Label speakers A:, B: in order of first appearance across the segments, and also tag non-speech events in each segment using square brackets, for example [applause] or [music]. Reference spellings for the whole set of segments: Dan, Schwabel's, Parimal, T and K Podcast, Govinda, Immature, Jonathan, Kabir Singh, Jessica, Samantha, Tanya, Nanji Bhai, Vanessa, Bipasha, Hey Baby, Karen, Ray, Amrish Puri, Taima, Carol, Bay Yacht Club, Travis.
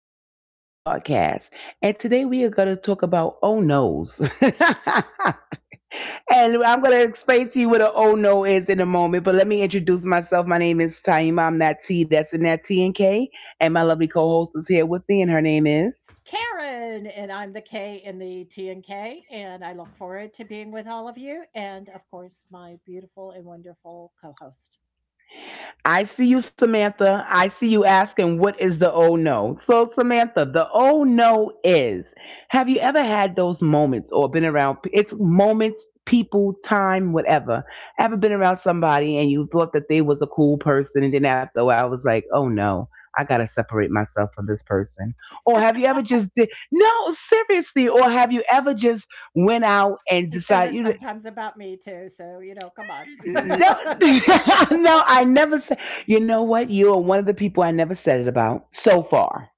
A: T and K Podcast. And today we are going to talk about oh no's. [laughs] And I'm going to explain to you what an oh no is in a moment. But let me introduce myself. My name is Taima. I'm that T that's in that T and K. And my lovely co host is here with me, and her name is.
B: Karen, and I'm the K in the T and K, and I look forward to being with all of you, and of course, my beautiful and wonderful co host.
A: I see you, Samantha. I see you asking, what is the oh no? So, Samantha, the oh no is, have you ever had those moments or been around? It's moments, people, time, whatever. Ever been around somebody and you thought that they was a cool person and then after a while I was like, oh no. I gotta separate myself from this person. Or have you ever just did, no, seriously? Or have you ever just went out and
B: She says
A: decided?
B: it
A: You?
B: sometimes about me too, so come on.
A: No, [laughs] no, I never said. You know what? You are one of the people I never said it about so far.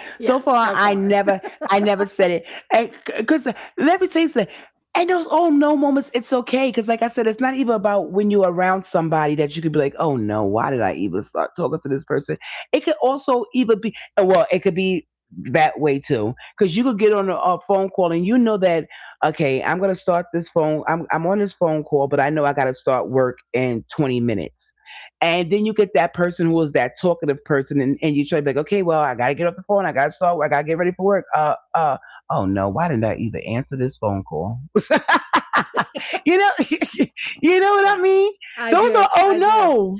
B: [laughs] Yeah,
A: So far,
B: so far.
A: I never said it. And, because, let me tell you something. And those oh no moments, it's okay. Because like I said, it's not even about when you're around somebody that you could be like, oh no, why did I even start talking to this person? It could also even be, well, it could be that way too. Because you could get on a phone call and you know that, okay, I'm gonna start this phone. I'm on this phone call, but I know I gotta start work in 20 minutes. And then you get that person who is that talkative person, and you try to be like, okay, well, I gotta get off the phone, I gotta start, I gotta get ready for work. Oh no, why didn't I either answer this phone call? [laughs] you know, [laughs] you know what I
B: Yeah,
A: mean? Those
B: I
A: are
B: do.
A: oh
B: I do.
A: no,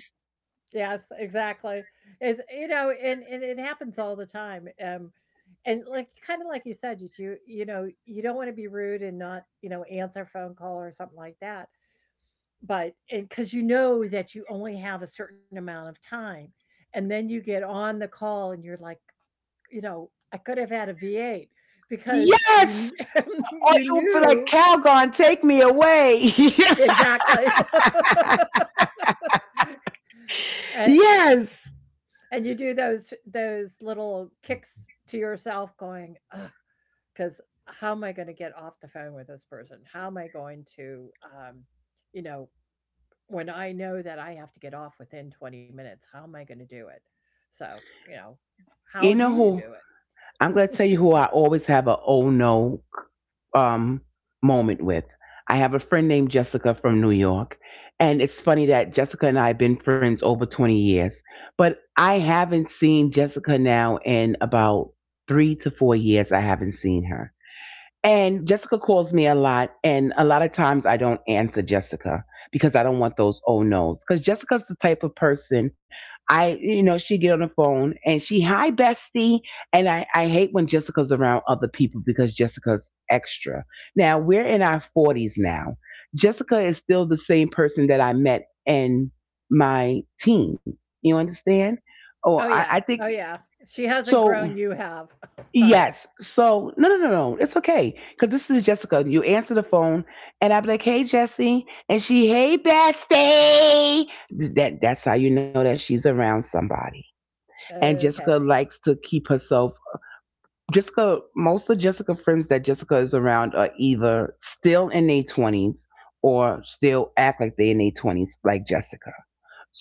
B: Yes, exactly. It's, and it happens all the time. And like kind of like you said, you don't want to be rude and not answer a phone call or something like that. But and because you know that you only have a certain amount of time, and then you get on the call and you're like, I could have had a V8 because
A: yes.
B: [laughs]
A: Or
B: you
A: you'll be like,
B: knew
A: Calgon, take me away.
B: exactly. [laughs]
A: [laughs]
B: A-
A: Yes.
B: And you do those little kicks to yourself going, because how am I gonna get off the phone with this person? How am I going to, you know, when I know that I have to get off within 20 minutes, how am I gonna do it? So,
A: You
B: how do
A: know
B: you
A: who?
B: do it?
A: I'm going to tell you who I always have a oh no um, moment with. I have a friend named Jessica from New York. And it's funny that Jessica and I have been friends over 20 years. But I haven't seen Jessica now in about 3 to 4 years. I haven't seen her, and Jessica calls me a lot, and a lot of times I don't answer Jessica because I don't want those oh no's. Because Jessica's the type of person, you know, she get on the phone and she, hi bestie, and I hate when Jessica's around other people because Jessica's extra. Now we're in our forties now. Jessica is still the same person that I met in my teens. You understand? Oh,
B: Oh,
A: I
B: yeah.
A: think
B: Oh, yeah. She hasn't
A: so.
B: grown, you have. [laughs] Sorry.
A: Yes. So no, no, no, no. It's okay, because this is Jessica. You answer the phone, and I'm like, "Hey, Jesse," and she, "Hey, bestie." That's how you know that she's around somebody. And
B: Okay.
A: Jessica likes to keep herself. Jessica, most of Jessica friends that Jessica is around are either still in their twenties or still act like they're in their twenties, like Jessica.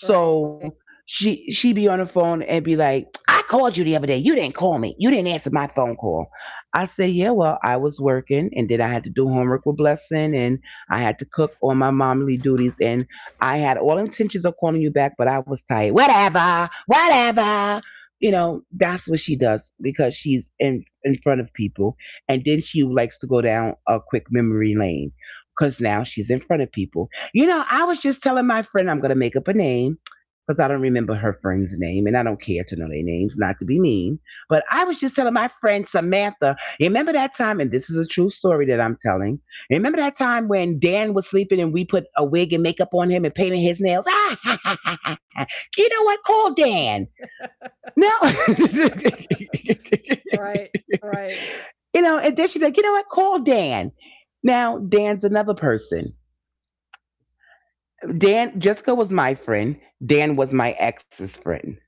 B: Right.
A: So she be on the phone and be like, I called you the other day. You didn't call me. You didn't answer my phone call. I said, yeah, well, I was working and then I had to do homework with Blessing and I had to cook on my momly duties and I had all intentions of calling you back, but I was tired. Whatever, whatever. You know, that's what she does because she's in front of people, and then she likes to go down a quick memory lane because now she's in front of people. You know, I was just telling my friend, I'm going to make up a name because I don't remember her friend's name and I don't care to know their names, not to be mean. But I was just telling my friend Samantha, remember that time, and this is a true story that I'm telling. Remember that time when Dan was sleeping and we put a wig and makeup on him and painted his nails? Ah, [laughs] you know what? Call Dan. No. [laughs]
B: Right. Right.
A: You know, and then she'd be like, you know what? Call Dan. Now, Dan's another person. Dan, Jessica was my friend. Dan was my ex's friend.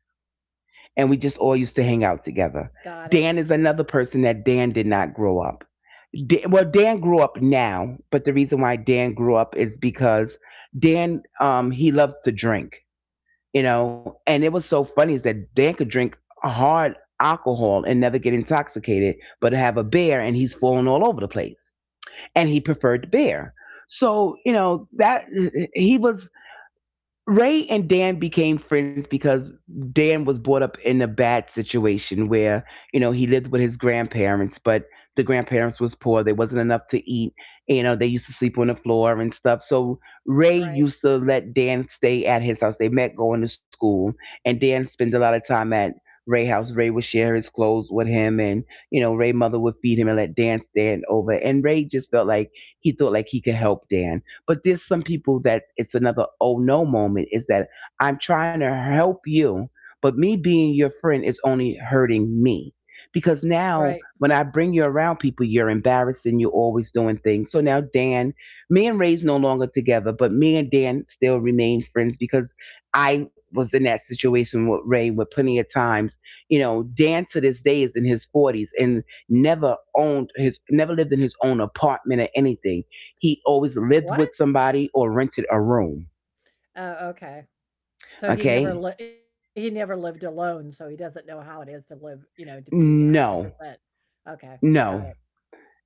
A: And we just all used to hang out together.
B: Got it.
A: Dan is another person that Dan did not grow up. Dan, well, Dan grew up now, but the reason why Dan grew up is because Dan he loved to drink, you know, and it was so funny is that Dan could drink hard alcohol and never get intoxicated, but have a beer and he's falling all over the place. And he preferred beer. So, you know, that he was, Ray and Dan became friends because Dan was brought up in a bad situation where, you know, he lived with his grandparents, but the grandparents was poor. There wasn't enough to eat. You know, they used to sleep on the floor and stuff. So Ray
B: Right.
A: used to let Dan stay at his house. They met going to school, and Dan spent a lot of time at Ray house. Ray would share his clothes with him, and, you know, Ray mother would feed him and let Dan stand over. And Ray just felt like he thought like he could help Dan. But there's some people that, it's another oh no moment, is that I'm trying to help you, but me being your friend is only hurting me. Because now
B: Right.
A: when I bring you around people, you're embarrassed and you're always doing things. So now Dan, me and Ray's no longer together, but me and Dan still remain friends because I was in that situation with Ray with plenty of times. You know, Dan to this day is in his forties and never owned his, never lived in his own apartment or anything. He always lived
B: What?
A: with somebody or rented a room.
B: Oh, okay. So
A: Okay?
B: he never lived alone, so he doesn't know how it is to live, to be
A: No,
B: 100%. Okay, got
A: no.
B: it.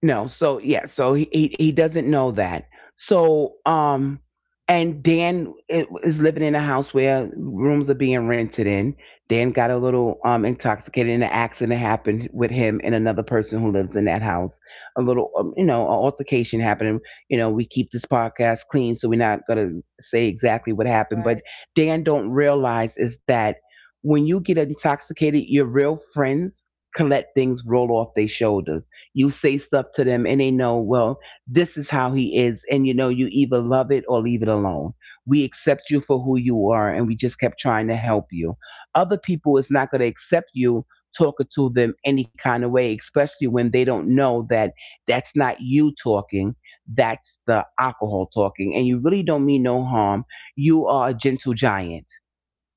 A: No, so yeah, so he, he doesn't know that. So and Dan is living in a house where rooms are being rented in. Dan got a little intoxicated, and an accident happened with him and another person who lives in that house. A little, you know, an altercation happened. You know, we keep this podcast clean, so we're not gonna say exactly what happened. But
B: Right,
A: Dan don't realize is that when you get intoxicated, your real friends can let things roll off their shoulders. You say stuff to them and they know, well, this is how he is. And you know, you either love it or leave it alone. We accept you for who you are and we just kept trying to help you. Other people is not going to accept you talking to them any kind of way, especially when they don't know that that's not you talking. That's the alcohol talking. And you really don't mean no harm. You are a gentle giant,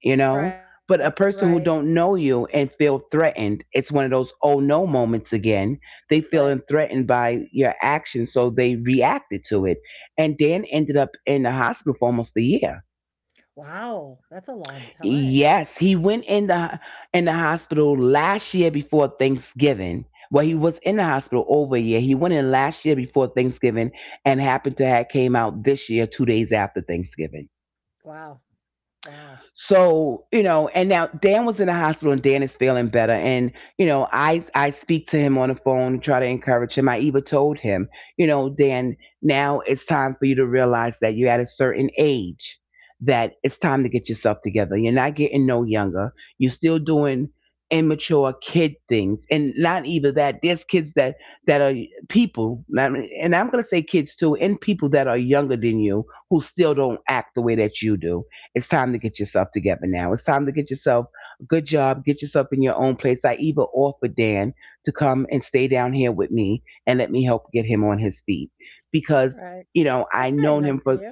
A: you know,
B: right,
A: but a
B: right,
A: person who don't know you and feel threatened, it's one of those oh no moments again. They
B: right.
A: feeling threatened by your action, so they reacted to it, and Dan ended up in the hospital for almost a year.
B: Wow, that's a long time.
A: Yes, he went in the, in the hospital last year before Thanksgiving. Well, he was in the hospital over a year. He went in last year before Thanksgiving and happened to have came out this year 2 days after Thanksgiving.
B: Wow, wow,
A: So, you know, and now Dan was in the hospital and Dan is feeling better. And, you know, I speak to him on the phone, try to encourage him. I even told him, you know, Dan, now it's time for you to realize that you're at a certain age, that it's time to get yourself together. You're not getting no younger. You're still doing immature kid things. And not even that, there's kids that, that are people, not- and I'm gonna say kids too, and people that are younger than you who still don't act the way that you do. It's time to get yourself together now. It's time to get yourself a good job, get yourself in your own place. I even offered Dan to come and stay down here with me and let me help get him on his feet because,
B: right.
A: you know,
B: That's
A: I
B: very
A: known
B: nice
A: him
B: of
A: for,
B: you.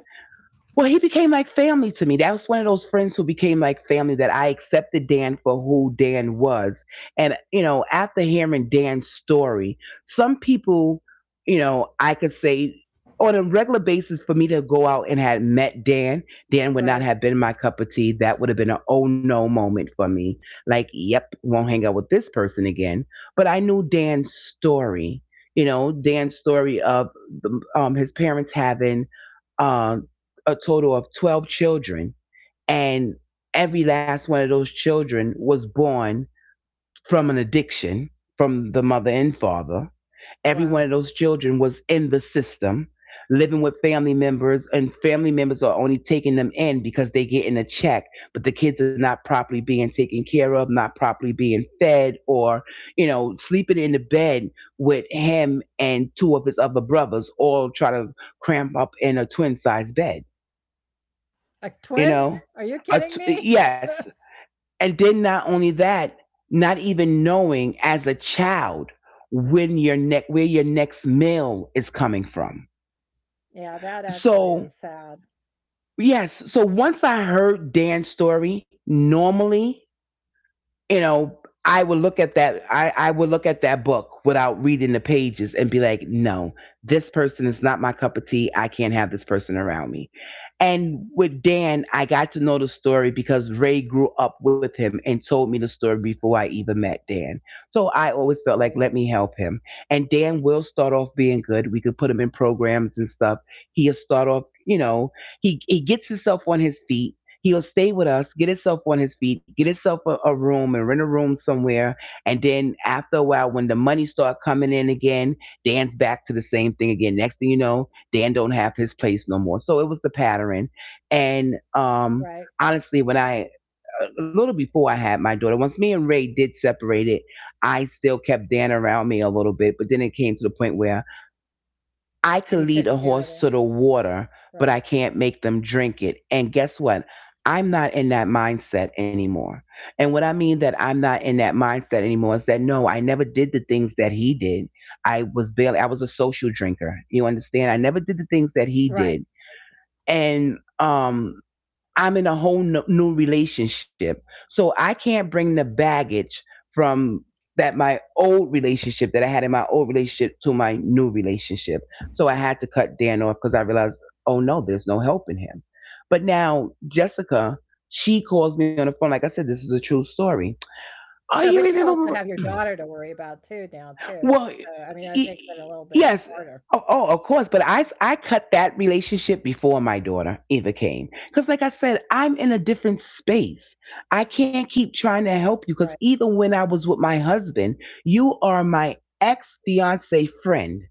A: well, he became like family to me. That was one of those friends who became like family that I accepted Dan for who Dan was. And, you know, after hearing Dan's story, some people, you know, I could say on a regular basis for me to go out and had met Dan, Dan would not
B: Right,
A: have been my cup of tea. That would have been an oh no moment for me. Like, yep, won't hang out with this person again. But I knew Dan's story, you know, Dan's story of his parents having uh, a total of 12 children, and every last one of those children was born from an addiction from the mother and father. Every
B: wow.
A: one of those children was in the system, living with family members, and family members are only taking them in because they're getting a check, but the kids are not properly being taken care of, not properly being fed, or, you know, sleeping in the bed with him and two of his other brothers, all try to cramp up in a twin sized bed,
B: A
A: you
B: twin?
A: know.
B: Are you kidding me? [laughs]
A: Yes, and then not only that, not even knowing as a child when your neck where your next meal is coming from.
B: Yeah, that actually is
A: So
B: sad.
A: yes, so once I heard Dan's story, normally, you know, I would look at that. I would look at that book without reading the pages and be like, no, this person is not my cup of tea. I can't have this person around me. And with Dan, I got to know the story because Ray grew up with him and told me the story before I even met Dan. So I always felt like,
B: Right,
A: let me help him. And Dan will start off being good. We could put him in programs and stuff. He'll start off, you know, he gets himself on his feet. He'll stay with us, get himself on his feet, get himself a room and rent a room somewhere. And then after a while, when the money start coming in again, Dan's back to the same thing again. Next thing you know, Dan don't have his place no more. So it was the pattern. And
B: right.
A: Honestly, when I, a little before I had my daughter, once me and Ray did separate it, I still kept Dan around me a little bit. But then it came to the point where I can
B: You
A: lead a
B: couldn't do it,
A: horse
B: eh?
A: to the water, but I
B: Right,
A: can't make them drink it. And guess what? I'm not in that mindset anymore. And what I mean that I'm not in that mindset anymore is that no, I never did the things that he did. I was a social drinker. You understand? I never did the things that he
B: right.
A: did. And I'm in a whole no, new relationship. So I can't bring the baggage from that my old relationship that I had in my old relationship to my new relationship. So I had to cut Dan off because I realized, oh no, there's no helping him. But now Jessica, she calls me on the phone. Like I said, this is a true story.
B: Yeah, but
A: Oh,
B: you
A: you
B: also have your
A: remember?
B: daughter to worry about too now too.
A: Well, y-
B: So, I mean, that makes it a little bit
A: yes.
B: harder.
A: Oh, oh, of course. But I cut that relationship before my daughter ever came. Because, like I said, I'm in a different space. I can't keep trying to
B: Right.
A: help you. Because even when I was with my husband, you are my ex fiance friend,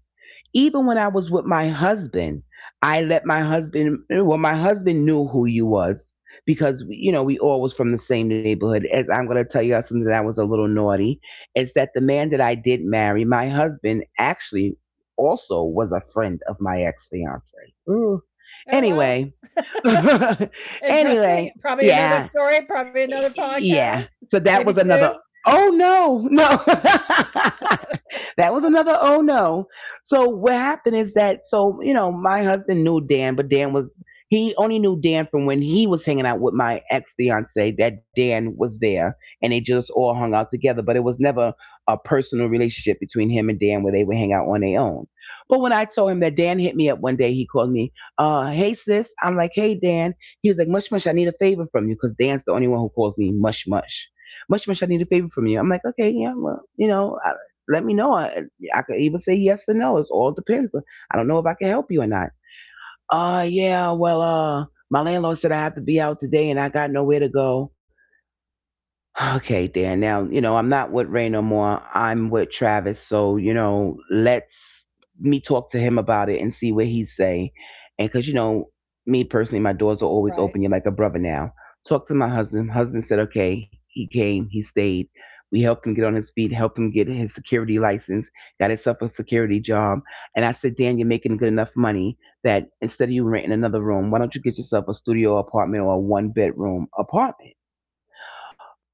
A: even when I was with my husband, I let my husband, well, my husband knew who you was because, you know, we all was from the same neighborhood. As I'm going to tell you something that I was a little naughty, is that the man that I did marry, my husband actually also was a friend of my ex-fiance. Ooh.
B: Oh, wow.
A: Anyway, [laughs] anyway,
B: Interesting. Probably another
A: yeah,
B: story, probably another
A: yeah.
B: podcast,
A: So that
B: maybe
A: was another,
B: two.
A: oh no, no. [laughs] that was another oh no. So what happened is that, so you know my husband knew Dan, but Dan was he only knew Dan from when he was hanging out with my ex fiance, that Dan was there, and they just all hung out together. But it was never a personal relationship between him and Dan where they would hang out on their own. But when I told him that Dan hit me up one day, he called me, "Hey sis," I'm like, "Hey Dan." He was like, "Mush mush, I need a favor from you," because Dan's the only one who calls me mush mush. Much much, I need a favor from you. I'm like, okay, yeah, well, you know, let me know. I could either say yes or no. It all depends. I don't know if I can help you or not. Yeah, well, my landlord said I have to be out today and I got nowhere to go. Okay, Dan. Now, you know, I'm not with Ray no more. I'm with Travis. So, you know, let's me talk to him about it and see what he say. And because, you know, me personally, my doors are always open.
B: Right.
A: You're like a brother now. Talk to my husband. Husband said, okay, he came, he stayed. We helped him get on his feet, helped him get his security license, got himself a security job. And I said, Dan, you're making good enough money that instead of you renting another room, why don't you get yourself a studio apartment or a one bedroom apartment?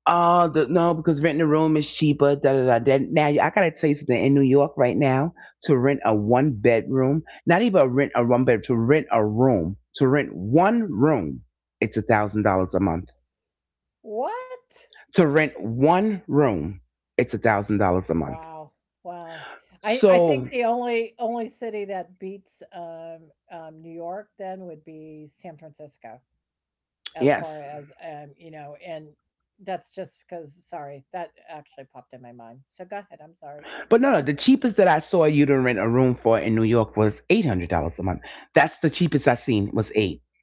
A: No, because renting a room is cheaper. Da da da da. Now I gotta tell you something. In New York right now, to rent a one bedroom, not even a rent a one bedroom, to rent a room, to rent one room, it's $1,000 a month.
B: What?
A: To rent one room, it's $1,000 a month.
B: Wow. Wow. I
A: So
B: think the only city that beats, New York then would be San Francisco as
A: yes,
B: far as, and that's just because sorry, that actually popped in my mind. So go ahead. I'm sorry.
A: but no, no. The cheapest that I saw you to rent a room for in New York was $800 a month. That's the cheapest I seen was eight.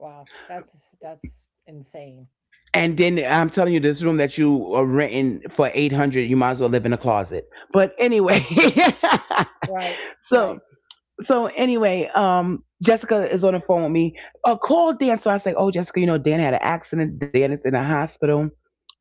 B: Wow, that's insane.
A: And then I'm telling you, this room that you are renting for eight hundred, you might as well live in a closet. But anyway,
B: Right,
A: [laughs] so
B: right.
A: so anyway, Jessica is on the phone with me. Call Dan. So I say, oh, Jessica, you know, Dan had an accident. Dan is in the hospital.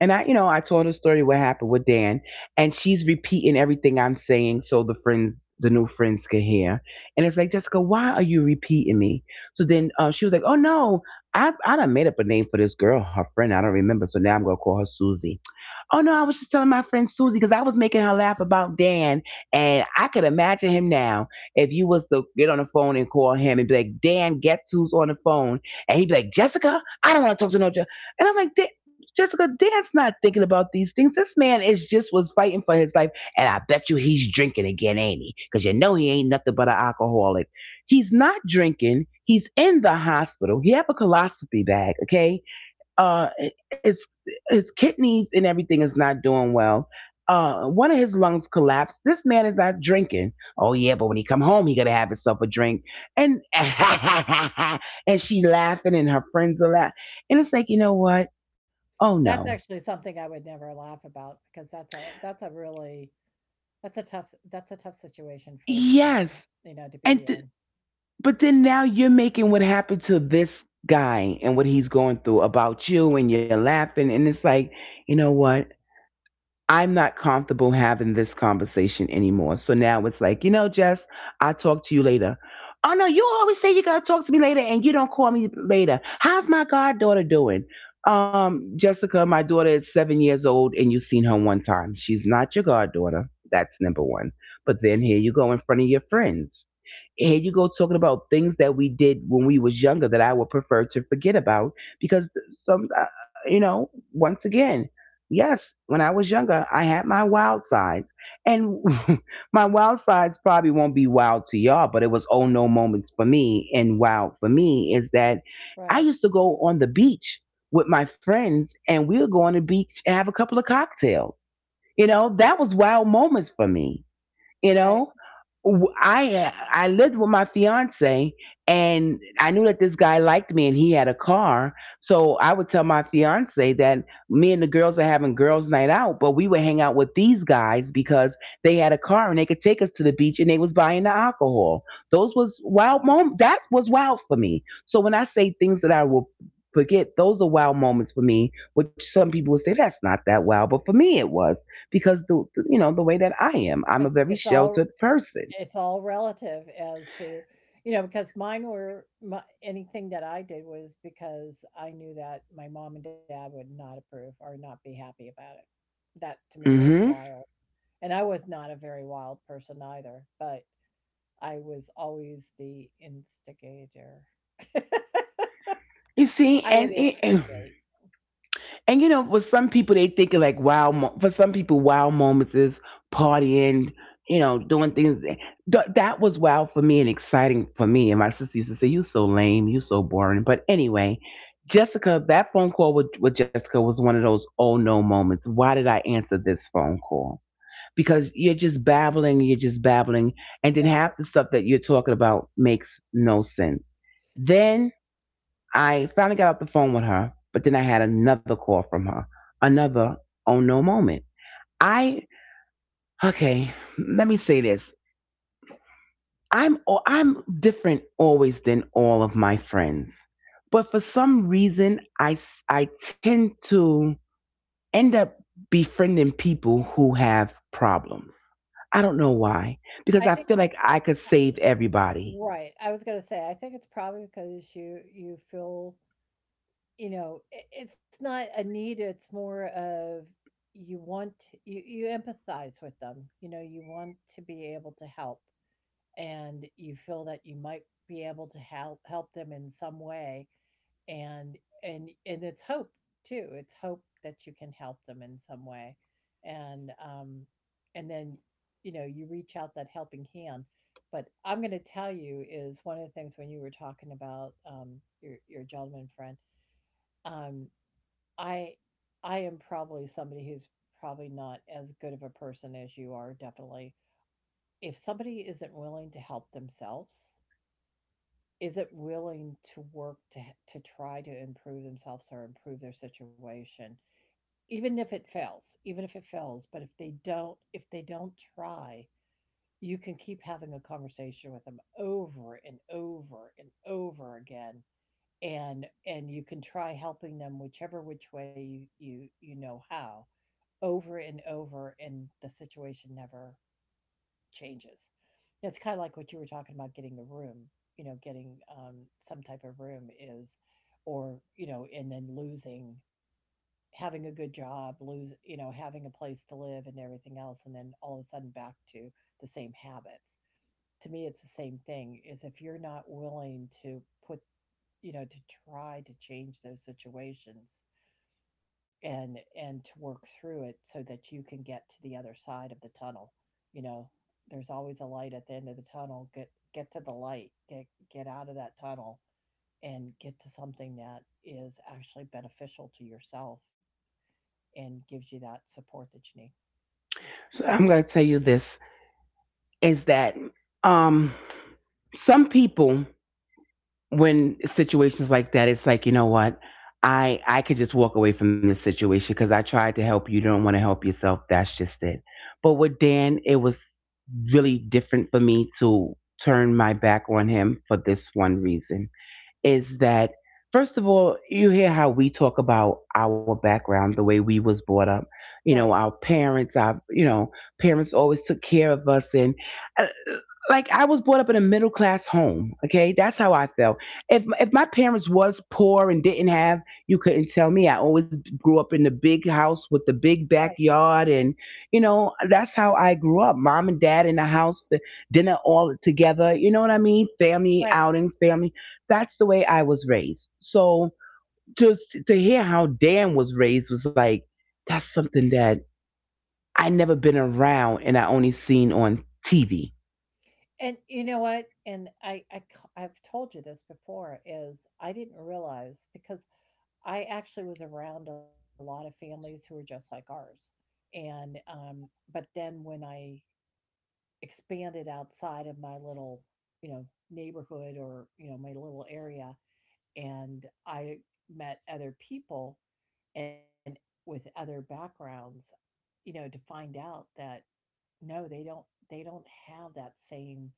A: And I, you know, I told her story what happened with Dan, and she's repeating everything I'm saying so the friends, the new friends, can hear. And it's like, Jessica, why are you repeating me? So then she was like, oh no, I done made up a name for this girl, her friend. I don't remember. So now I'm gonna call her Susie. Oh no, I was just telling my friend Susie because I was making her laugh about Dan, and I could imagine him now if you was to get on the phone and call him and be like, "Dan, guess who's on the phone?" And he'd be like, "Jessica, I don't want to talk to no Jessica." And I'm like, "Dan—" "Jessica, Dan's not thinking about these things. This man is just was fighting for his life, and I bet you he's drinking again, ain't he? Because you know he ain't nothing but an alcoholic. He's not drinking. He's in the hospital. He have a colostomy bag, okay?" uh his his kidneys and everything is not doing well. One of his lungs collapsed. This man is not drinking. Oh yeah, but when he come home, he gotta have himself a drink. And [laughs] and she laughing, and her friends are laughing. And it's like, you know what? Oh
B: That's
A: no,
B: actually something I would never laugh about because that's a really that's a tough situation first of
A: yes.
B: all, to
A: And
B: be
A: th-
B: in.
A: but then now you're making what happened to this guy and what he's going through about you, and you're laughing. And it's like, you know what? I'm not comfortable having this conversation anymore. So now it's like, you know, Jess, I'll talk to you later. Oh no, you always say you're gonna talk to me later and you don't call me later. How's my goddaughter doing? Jessica, my daughter is 7 years old and you've seen her one time. She's not your goddaughter. That's number one. But then here you go in front of your friends, here you go talking about things that we did when we was younger that I would prefer to forget about because some you know, once again, yes, when I was younger, I had my wild sides. And [laughs] my wild sides probably won't be wild to y'all, but it was oh no moments for me. And wild for me is that I
B: Right,
A: used to go on the beach with my friends and we would go on the beach and have a couple of cocktails. You know, that was wild moments for me you
B: right.
A: know W- i i lived with my fiance, and I knew that this guy liked me and he had a car, so I would tell my fiance that me and the girls are having girls night out, but we would hang out with these guys because they had a car and they could take us to the beach and they was buying the alcohol. Those was wild moments. That was wild for me. So when I say things that I will forget, those are wild moments for me, which some people would say that's not that wild, but for me it was, because the way that I am, I'm a
B: It's
A: very
B: it's all
A: sheltered person.
B: it's all relative as to because mine were my, anything that I did was because I knew that my mom and dad would not approve or not be happy about it. That to me was
A: Hmm.
B: wild, and I was not a very wild person either. But I was always the instigator.
A: You
B: [laughs]
A: see,
B: I would instigate.
A: you know, for some people they think of like, wow. For some people, wow moments is partying, you know, doing things. That was wow for me and exciting for me. And my sister used to say, "You so lame, you so boring." But anyway, Jessica, that phone call with Jessica was one of those oh no moments. Why did I answer this phone call? Because you're just babbling, and then
B: Got
A: half the
B: it.
A: stuff that you're talking about makes no sense. Then I finally got off the phone with her, but then I had another call from her, another oh no moment. I okay, Let me say this. I'm I'm different always than all of my friends, but for some reason I tend to end up befriending people who have problems. I don't know why, because I
B: I
A: feel
B: think.
A: like I could save everybody.
B: Right, I was gonna say I think it's probably because you feel, it's not a need. It's more of you want, you empathize with them. You know you want to be able to help, and you feel that you might be able to help them in some way, and it's hope too, it's hope that you can help them in some way. And um and then, you reach out that helping hand. But I'm going to tell you, is one of the things when you were talking about, your gentleman friend, um i I am probably somebody who's probably not as good of a person as you are, definitely. If somebody isn't willing to help themselves, isn't willing to work, to try to improve themselves or improve their situation, even if it fails, even if it fails, but if they don't, if they don't try, you can keep having a conversation with them over and over and over again, and you can try helping them whichever which way you you know how, over and over, and the situation never changes. It's kind of like what you were talking about getting a room, getting, some type of room is, or, and then losing, having a good job, lose, having a place to live and everything else. And then all of a sudden back to the same habits. To me, it's the same thing is if you're not willing to put, to try to change those situations, and to work through it so that you can get to the other side of the tunnel. You know there's always a light at the end of the tunnel. Get to the light, get out of that tunnel, and get to something that is actually beneficial to yourself and gives you that support that you need. Mm.
A: So I'm going to tell you this is that, um, some people, when situations like that, it's like, you know what? I could just walk away from this situation because I tried to help you. You don't want to help yourself. That's just it. But with Dan, it was really different for me to turn my back on him for this one reason, is that first of all, you hear how we talk about our background, the way we was brought up. You know, our parents, our, you know, parents always took care of us, and uh, like I was brought up in a middle class home. Okay, that's how I felt. If my parents was poor and didn't have, you couldn't tell me. I always grew up in the big house with the big backyard, and you know that's how I grew up. Mom and dad in the house, the dinner all together. You know what I mean? Family
B: Right.
A: outings, family. That's the way I was raised. So just to hear how Dan was raised was like, that's something that I never been around and I only seen on TV.
B: And you know what, and I've told you this before, is I didn't realize because I actually was around a lot of families who were just like ours. And, um, but then when I expanded outside of my little, neighborhood or, my little area, and I met other people and with other backgrounds, to find out that no, they don't have that same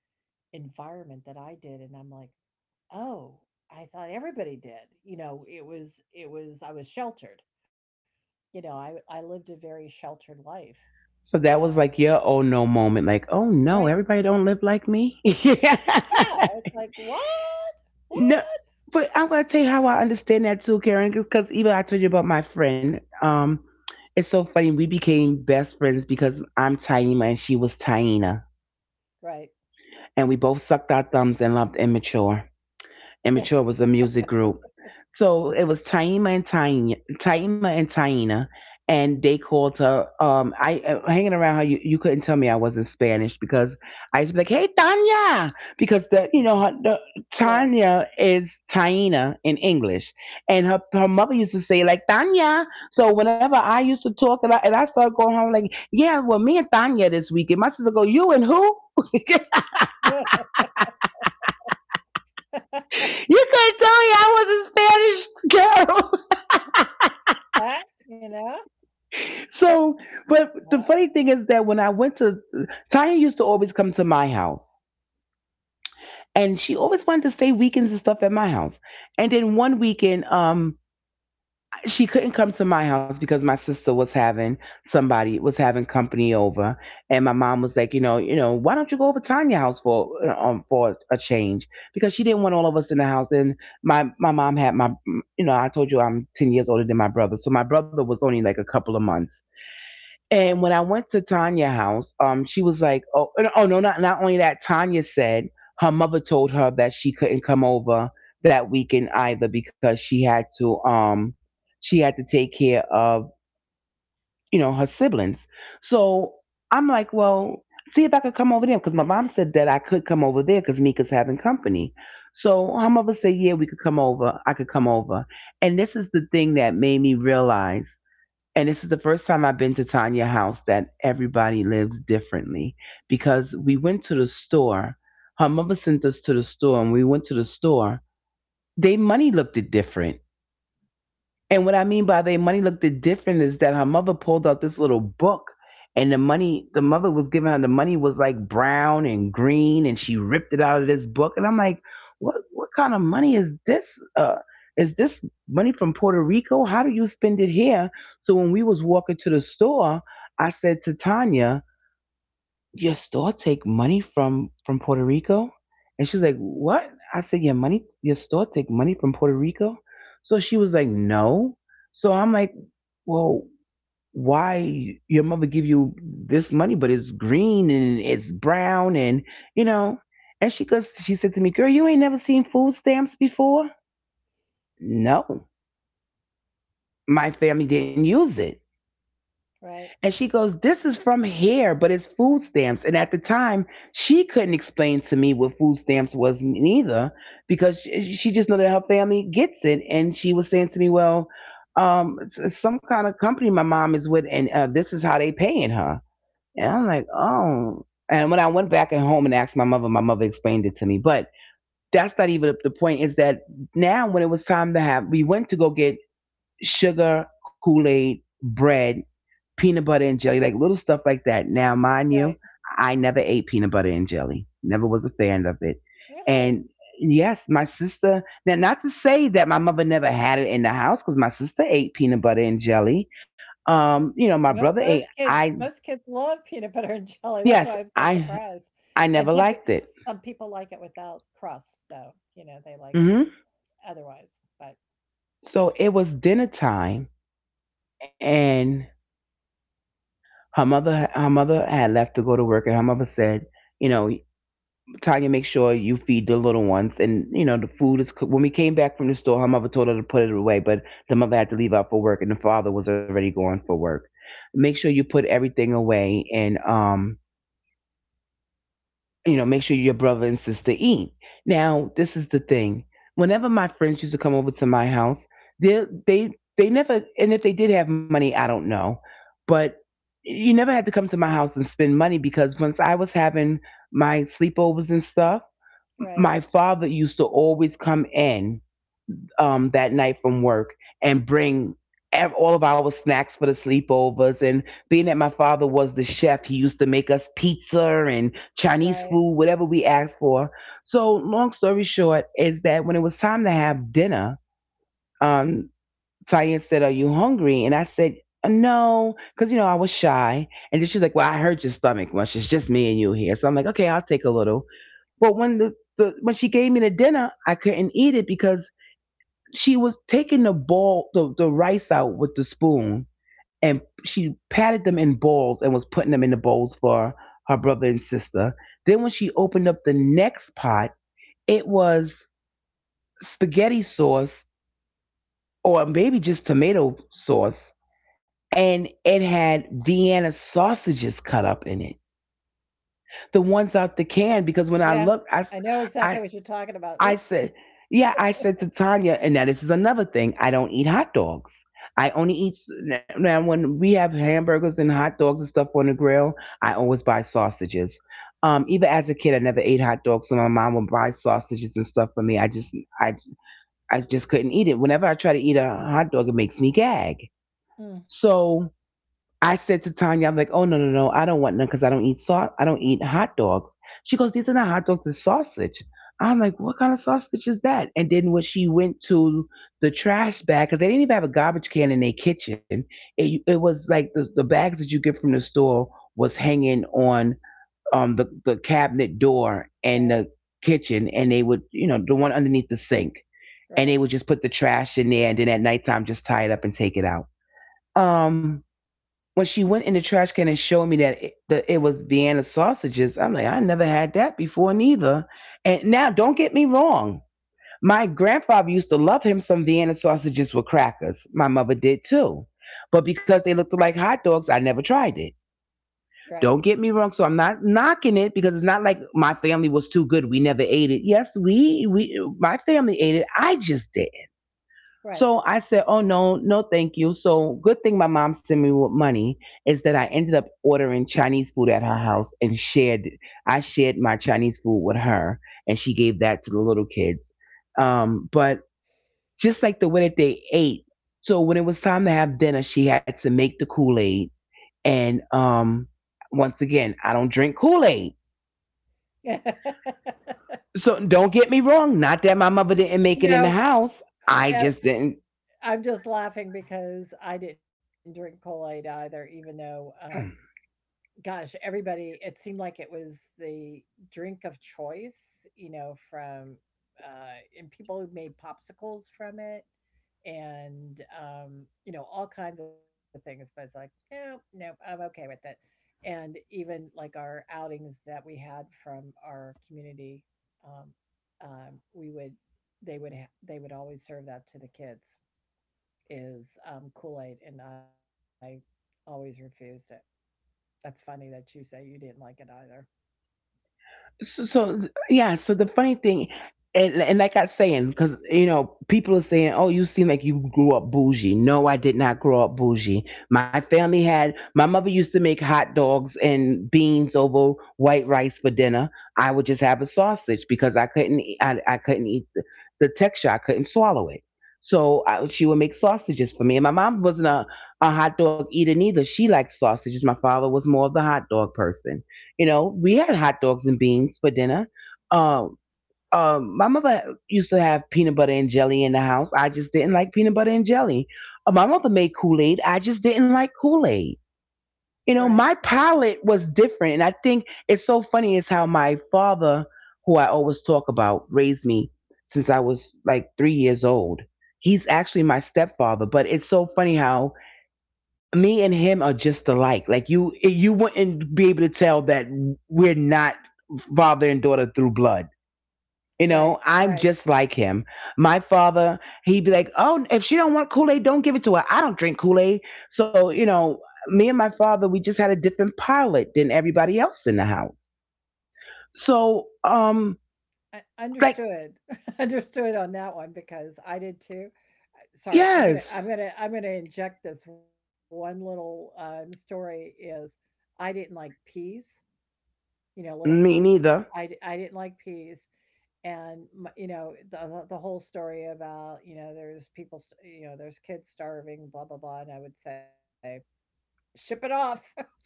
B: environment that I did. And I'm like, oh, I thought everybody did. I was sheltered. I lived a very sheltered life.
A: So that
B: And,
A: was like your oh no moment, like, oh no,
B: right.
A: everybody don't live like me. [laughs] Yeah.
B: Yeah, it's like, "What?
A: No,
B: What?"
A: but I'm gonna tell you how I understand that too, Karen, because even I told you about my friend. It's so funny. We became best friends because I'm Taima and she was Taina,
B: Right. [laughs]
A: and we both sucked our thumbs and loved Immature.
B: Yeah,
A: Immature was a music group. So it was Taima and Taina, and they called her. I Hanging around her, you couldn't tell me I wasn't Spanish, because I used to be like, "Hey, Tanya," because the you know her, the,
B: right.
A: Tanya is Taina in English, and her mother used to say like Tanya. So whenever I used to talk, and I started going home like, "Yeah, well, me and Tanya this weekend." My sister go, "You and who?"
B: Yeah. [laughs]
A: You couldn't tell me I was a Spanish [laughs] girl.
B: That, you know?
A: So, but
B: Yeah.
A: the funny thing is that when I went to Tanya used to always come to my house. And she always wanted to stay weekends and stuff at my house. And then one weekend, she couldn't come to my house because my sister was having somebody was having company over, and my mom was like, you know, why don't you go over to Tanya's house for a change? Because she didn't want all of us in the house. And my mom had my, you know, I told you I'm 10 years older than my brother, so my brother was only like a couple of months.
B: Right,
A: And when I went to Tanya's house, she was like, "Oh, no, oh no, not only that." Tanya said her mother told her that she couldn't come over that weekend either because she had to take care of, you know, her siblings. So I'm like, well, see if I could come over there because my mom said that I could come over there because Mika's having company. So her mother said, yeah, we could come over. I could come over. And this is the thing that made me realize. And this is the first time I've been to Tanya house, that everybody lives differently, because we went to the store. Her mother sent us to the store and we went to the store. They money looked it different. And what I mean by they money looked it different is that her mother pulled out this little book, and the money, the mother was giving her the money was like brown and green and she ripped it out of this book, and I'm like, what kind of money is this? Uh, is this money from Puerto Rico? How do you spend it here? So when we was walking to the store, I said to Tanya, your store take money from Puerto Rico? And she's like, what? I said, your money, your store take money from Puerto Rico? So she was like, no. So I'm like, well, why your mother give you this money, but it's green and it's brown and you know? And she goes, she said to me, girl, you ain't never seen food stamps before? No, my family didn't use it.
B: right,
A: And she goes, this is from here, but it's food stamps. And at the time, she couldn't explain to me what food stamps was neither, because she just knew that her family gets it. And she was saying to me, well, it's some kind of company my mom is with, and this is how they paying her. And I'm like, oh. And when I went back at home and asked my mother explained it to me. But that's not even the point, is that now when it was time to have, we went to go get sugar, Kool Aid, bread, peanut butter and jelly, like little stuff like that. Now, mind
B: right.
A: you, I never ate peanut butter and jelly, never was a fan of it.
B: Really?
A: And yes, my sister, now, not to say that my mother never had it in the house because my sister ate peanut butter and jelly.
B: Mo
A: You know, my brother ate,
B: most
A: I,
B: kids love peanut butter and jelly, that's why I'm
A: Yes,
B: so surprised.
A: I
B: And
A: never liked it.
B: some people like it without crust, so, they like it
A: Hmm.
B: otherwise, but
A: So it was dinner time, and her mother had left to go to work, and her mother said, you know, Tanya, make sure you feed the little ones. And, you know, the food is cooked. When we came back from the store, her mother told her to put it away, but the mother had to leave out for work and the father was already going for work. Make sure you put everything away and, you know, make sure your brother and sister eat. Now, this is the thing. Whenever my friends used to come over to my house, they, they, they never, and if they did have money, I don't know, but you never had to come to my house and spend money because once I was having my sleepovers and stuff,
B: right,
A: my father used to always come in, that night from work, and bring all of our snacks for the sleepovers. And being that my father was the chef, he used to make us pizza and Chinese
B: right.
A: food, whatever we asked for. So, long story short, is that when it was time to have dinner, um, Tyann said, are you hungry? And I said, no," because you know I was shy, and then she's like, "Well, I hurt your stomach much. It's just me and you here." So I'm like, "Okay, I'll take a little." But when the when she gave me the dinner, I couldn't eat it because she was taking the ball the rice out with the spoon, and she patted them in balls and was putting them in the bowls for her brother and sister. Then when she opened up the next pot, it was spaghetti sauce, or maybe just tomato sauce. And it had Vienna sausages cut up in it, the ones out the can. Because when I
B: Yeah.
A: looked,
B: I know exactly
A: I
B: what you're talking about.
A: I
B: Oop.
A: said, yeah, I said to Tanya, and now this is another thing. I don't eat hot dogs. I only eat now when we have hamburgers and hot dogs and stuff on the grill. I always buy sausages. Even as a kid, I never ate hot dogs, so my mom would buy sausages and stuff for me. I just, I, I just couldn't eat it. Whenever I try to eat a hot dog, it makes me gag.
B: Mm.
A: So I said to Tanya, I'm like, oh no, no, no, I don't want none because I don't eat hot dogs. She goes, these are not hot dogs, they're sausage. I'm like, what kind of sausage is that? And then when she went to the trash bag, because they didn't even have a garbage can in their kitchen, it was like the bags that you get from the store was hanging on the cabinet door and
B: Right,
A: the kitchen, and they would, you know, the one underneath the sink, and they
B: right,
A: would just put the trash in there, and then at nighttime just tie it up and take it out. Um, when she went in the trash can and showed me that it was Vienna sausages, I'm like, I never had that before, neither. And now, don't get me wrong. My grandfather used to love him some Vienna sausages with crackers. My mother did too. But because they looked like hot dogs, I never tried it.
B: right,
A: Don't get me wrong. So I'm not knocking it because it's not like my family was too good. We never ate it. Yes, my family ate it. I just did.
B: right.
A: So I said, "Oh no, no, thank you." So good thing my mom sent me with money is that I ended up ordering Chinese food at her house and shared. I shared my Chinese food with her, and she gave that to the little kids. But just like the way that they ate, so when it was time to have dinner, she had to make the Kool Aid. And once again, I don't drink Kool Aid,
B: [laughs]
A: so don't get me wrong. Not that my mother didn't make it in the
B: No,
A: house. I just didn't.
B: I'm just laughing because I didn't drink Kool-Aid either, even though,
A: Mm.
B: gosh, everybody it seemed like it was the drink of choice, from and people who made popsicles from it and, all kinds of things, but it's like, nope, nope, I'm okay with it. And even like our outings that we had from our community, um, we would they would ha- they would always serve that to the kids, is, Kool Aid, and I always refused it. That's funny that you say you didn't like it either.
A: So yeah, so the funny thing, and like I saying, because you know, people are saying, oh, you seem like you grew up bougie. No, I did not grow up bougie. My family had, my mother used to make hot dogs and beans over white rice for dinner. I would just have a sausage because I couldn't eat the texture, I couldn't swallow it. So I, she would make sausages for me, and my mom wasn't a hot dog eater, neither. She liked sausages. My father was more of the hot dog person. You know, we had hot dogs and beans for dinner. Um, my mother used to have peanut butter and jelly in the house. I just didn't like peanut butter and jelly. My mother made Kool Aid. I just didn't like Kool Aid.
B: Right,
A: You know,
B: right,
A: my palate was different. And I think it's so funny is how my father, who I always talk about, raised me since I was like 3 years old. He's actually my stepfather, but it's so funny how me and him are just alike. Like you wouldn't be able to tell that we're not father and daughter through blood. You
B: right,
A: know, I'm
B: right.
A: just like him. My father, he'd be like, "Oh, if she don't want Kool Aid, don't give it to her. I don't drink Kool Aid." So you know, me and my father, we just had a different pilot than everybody else in the house. So,
B: I
A: like,
B: understood, [laughs] understood on that one because I did too. Sorry, I'm gonna,
A: yes,
B: I'm gonna, I'm gonna inject this one little, story. Is I didn't like peas, little
A: me
B: peas.
A: neither.
B: I didn't like peas, and my, you know the whole story about, there's people, there's kids starving, blah blah blah. And I would say ship it off. [laughs]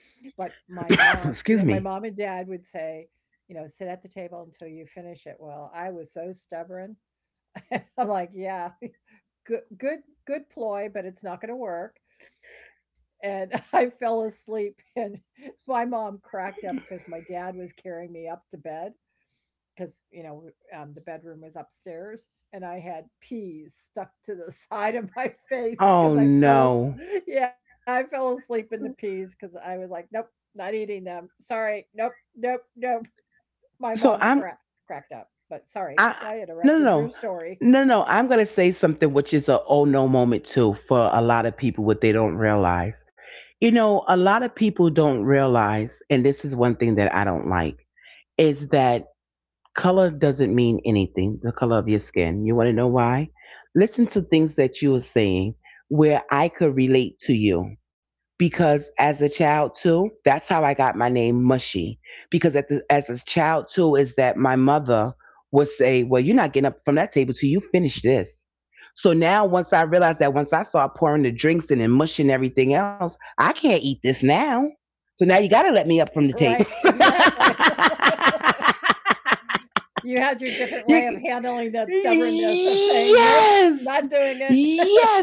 B: But my mom
A: [coughs]
B: you know, my
A: Excuse
B: mom
A: me.
B: and dad would say, "Sit at the table until you finish it." Well, I was so stubborn. [laughs] I'm like, "Yeah, [laughs] good good good ploy, but it's not gonna work." And [laughs] I fell asleep, and [laughs] my mom cracked up because my dad was carrying me up to bed because, the bedroom was upstairs, and I had peas stuck to the [laughs] side of my face because
A: Oh
B: I fell
A: no.
B: [laughs] Yeah, I fell asleep in the peas because I was like, nope, not eating them, sorry, nope, nope, nope. [laughs] My mom
A: So I'm
B: cracked up, but sorry
A: I
B: I
A: no no
B: interrupted your
A: no.
B: story.
A: No, no, I'm going to say something which is a oh no moment too for a lot of people what they don't realize. You know, a lot of people don't realize, and this is one thing that I don't like, is that color doesn't mean anything, the color of your skin. You want to know why? Listen to things that you were saying where I could relate to you, because as a child too, that's how I got my name Mushy. Because at the, as a child too, is that my mother would say, well, you're not getting up from that table till you finish this. So now, once I realized that, once I start pouring the drinks in and mushing everything, else I can't eat this now, so now you got to let me up from
B: [laughs]
A: the table.
B: Right, exactly. [laughs] You had your
A: [laughs]
B: different
A: you,
B: way of handling that stubbornness of saying nope,
A: Yes,
B: not doing it.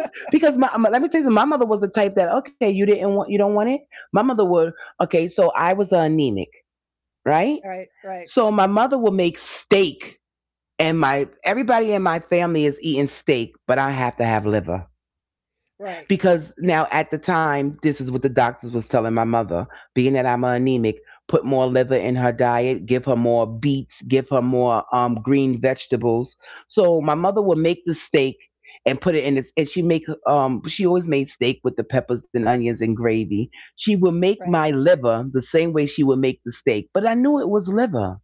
B: [laughs]
A: Because let me tell you something, my mother was the type that, okay, you don't want it. My mother would Okay. So I was anemic, right?
B: Right, right,
A: So my mother would make steak, and my everybody in my family is eating steak, but I have to have liver,
B: right,
A: because now at the time, this is what the doctors was telling my mother, being that I'm anemic, put more liver in her diet, give her more beets, give her more green vegetables. So my mother would make the steak and put it in this, and she make she always made steak with the peppers and onions and gravy. She would
B: right,
A: make my liver the same way she would make the steak, but I knew it was liver,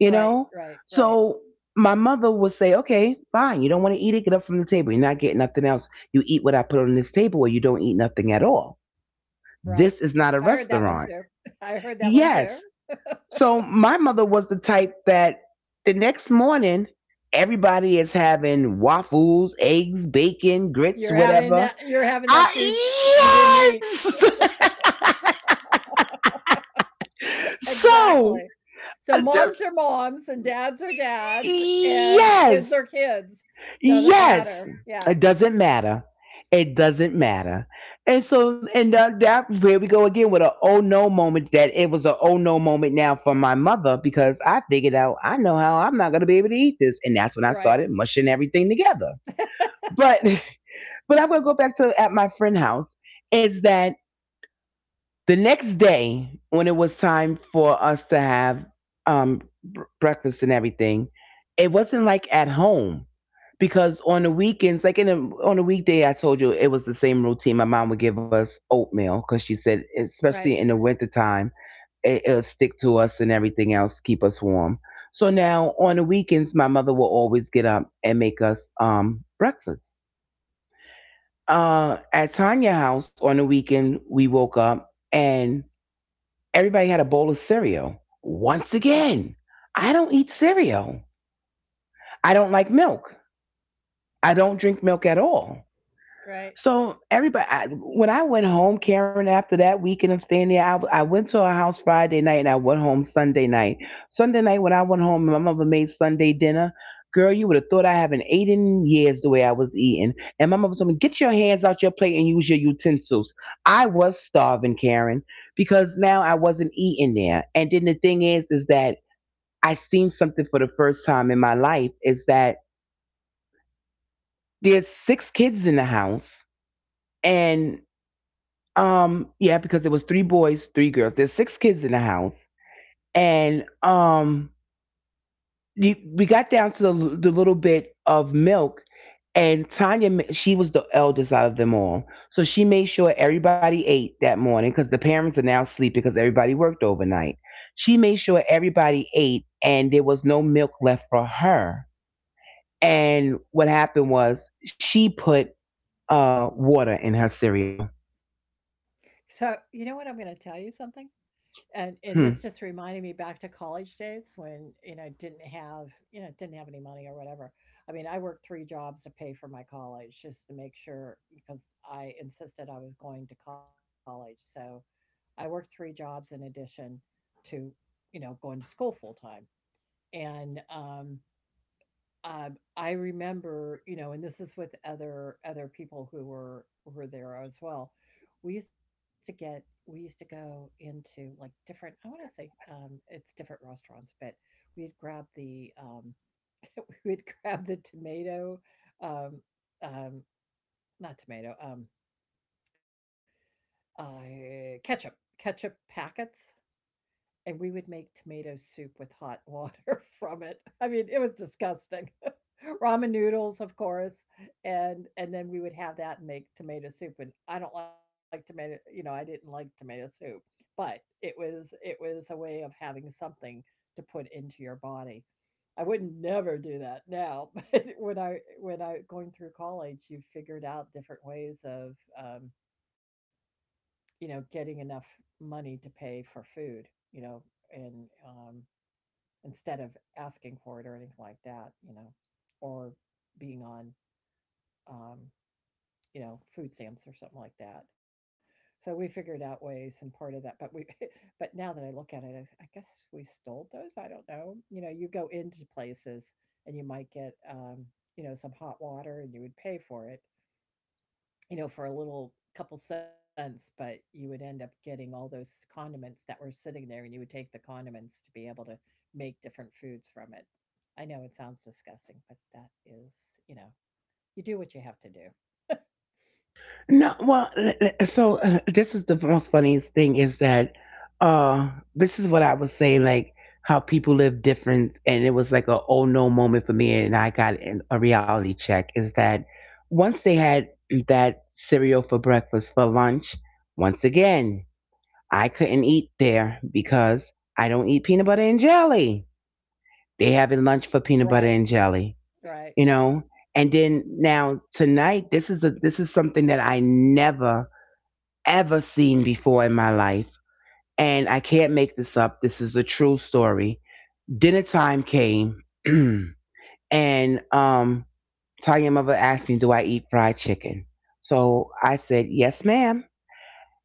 A: you
B: right,
A: know?
B: right, right,
A: So my mother would say, okay, fine. You don't want to eat it? Get up from the table. You're not getting nothing else. You eat what I put on this table, or you don't eat nothing at all.
B: right.
A: This
B: I
A: is
B: heard
A: not a
B: that one too.
A: restaurant.
B: [laughs] I heard that one too.
A: Yes.
B: [laughs]
A: So my mother was the type that the next morning, everybody is having waffles, eggs, bacon, grits,
B: You're having
A: whatever.
B: that you're having that food you didn't eat.
A: I, yes. [laughs]
B: Exactly.
A: so
B: So
A: I
B: moms
A: just,
B: are moms and dads are dads and kids
A: yes.
B: are kids. Doesn't
A: Yes,
B: matter. Yeah.
A: it doesn't matter. It doesn't matter. And so, and that here we go again with a oh no moment. That it was a oh no moment now for my mother, because I figured out I know how I'm not going to be able to eat this, and that's when I
B: Right.
A: started mushing everything together.
B: [laughs]
A: But [laughs] but I'm going to go back to at my friend's house. Is that the next day when it was time for us to have um breakfast and everything? It wasn't like at home because on the weekends, like on a weekday, I told you it was the same routine. My mom would give us oatmeal because she said,
B: Right.
A: especially in the wintertime, it'll stick to us and everything else, keep us warm. So now on the weekends, my mother will always get up and make us breakfast. At Tanya House on the weekend, we woke up, and everybody had a bowl of cereal. Once again, I don't eat cereal. I don't like milk. I don't drink milk at all.
B: Right.
A: So everybody, I, when I went home, Karen, after that weekend of staying there, I went to her house Friday night and I went home Sunday night. Sunday night when I went home, my mother made Sunday dinner. Girl, you would have thought I haven't eaten in years the way I was eating. And my mother told me, get your hands out your plate and use your utensils. I was starving, Karen, because now I wasn't eating there. And then the thing is that I seen something for the first time in my life, is that there's six kids in the house and yeah, because it was three boys, three girls. There's six kids in the house, and we got down to the little bit of milk, and Tanya, she was the eldest out of them all, so she made sure everybody ate that morning because the parents are now sleeping because everybody worked overnight. She made sure everybody ate, and there was no milk left for her. And what happened was she put water in her cereal.
B: So, you know what, I'm going to tell you something? And this
A: Hmm.
B: just reminded me back to college days when, didn't have any money or whatever. I mean, I worked 3 jobs to pay for my college just to make sure because I insisted I was going to college. So I worked 3 jobs in addition to, going to school full time. And, I remember, and this is with other people who were there as well. We used to go into, like, different I want to say, it's different restaurants, but we'd grab the [laughs] we'd grab the tomato, um um not tomato, uh ketchup ketchup packets, and we would make tomato soup with hot water [laughs] from it. I mean, it was disgusting. [laughs] Ramen noodles, of course, and then we would have that and make tomato soup. And I don't like tomato, you know, I didn't like tomato soup, but it was a way of having something to put into your body. I wouldn't never do that now, [laughs] but when I going through college, you figured out different ways of you know, getting enough money to pay for food, you know, and instead of asking for it or anything like that, you know, or being on, um, you know, food stamps or something like that. So we figured out ways and part of that, but we, [laughs] but now that I look at it, I guess we stole those. I don't know. You know, you go into places and you might get, you know, some hot water and you would pay for it, for a little couple cents, but you would end up getting all those condiments that were sitting there, and you would take the condiments to be able to make different foods from it. I know it sounds disgusting, but that is, you know, you do what you have to do.
A: No, well, so this is the most funniest thing is that uh this is what I was saying, like how people live different, and it was like a oh no moment for me, and I got an, a reality check. Is that once they had that cereal for breakfast for lunch, once again I couldn't eat there because I don't eat peanut butter and jelly. They having lunch for peanut butter
B: Right,
A: and jelly,
B: right,
A: you know. And then now tonight, this is something that I never ever seen before in my life. And I can't make this up. This is a true story. Dinner time came, [clears throat] and Tanya mother asked me, do I eat fried chicken? So I said, yes, ma'am.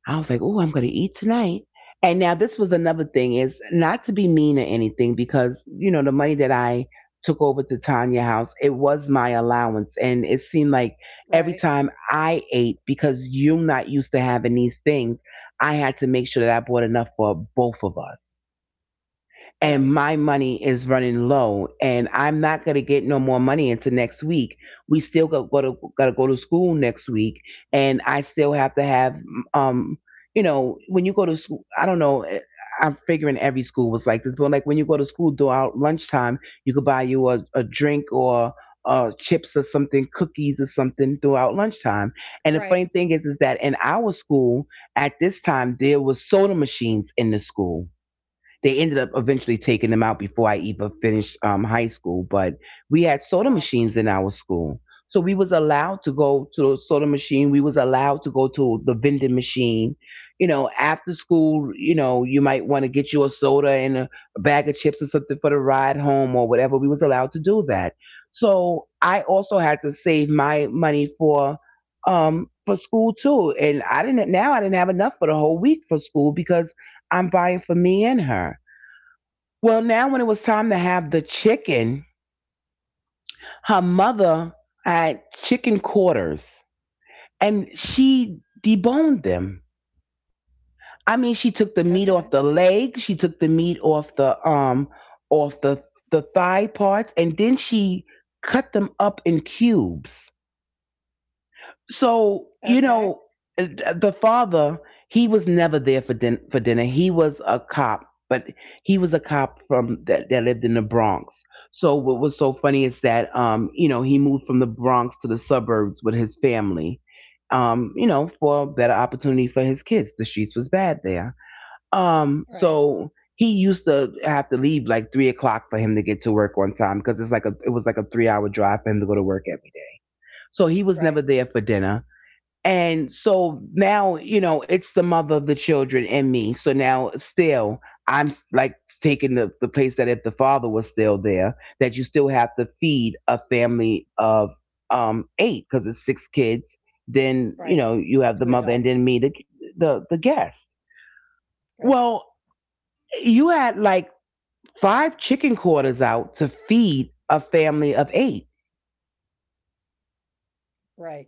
A: I was like, "Oh, I'm going to eat tonight." And now this was another thing, is not to be mean or anything, because you know the money that I took over to Tanya house, it was my allowance, and it seemed like every
B: right,
A: time I ate, because you're not used to having these things, I had to make sure that I bought enough for both of us,
B: right,
A: and my money is running low and I'm not going to get no more money until next week. We still got go to got to go to school next week and I still have to have um you know, when you go to school, I don't know, I'm figuring every school was like this, but like when you go to school during lunchtime, you could buy you a drink or chips or something, cookies or something throughout lunchtime. And the
B: right.
A: funny thing is that in our school at this time, there was soda machines in the school. They ended up eventually taking them out before I even finished high school. But we had soda
B: Wow.
A: machines in our school, so we was allowed to go to the soda machine. We was allowed to go to the vending machine. You know, after school, you know, you might want to get you a soda and a bag of chips or something for the ride home or whatever. We was allowed to do that. So I also had to save my money for school too. And I didn't, now I didn't have enough for the whole week for school because I'm buying for me and her. Well, now when it was time to have the chicken, her mother had chicken quarters and she deboned them. I mean, she took the
B: Okay,
A: meat off the leg, she took the meat off the thigh parts, and then she cut them up in cubes. So
B: okay,
A: you know, the father, he was never there for dinner. He was a cop, but he was a cop from that lived in the Bronx. So what was so funny is that you know, he moved from the Bronx to the suburbs with his family. You know, for a better opportunity for his kids. The streets was bad there.
B: right,
A: So he used to have to leave like 3 o'clock for him to get to work on time, because it was like a 3 hour drive for him to go to work every day. So he
B: right,
A: was never there for dinner, and so now, you know, it's the mother of the children and me. So now, still, I'm like taking the place that if the father was still there, that you still have to feed a family of eight, because it's six kids. Then,
B: right.
A: you know, you
B: Two
A: have the mother
B: adults.
A: and then me, the guest.
B: Right,
A: Well, you had like five chicken quarters out to feed a family of eight,
B: right,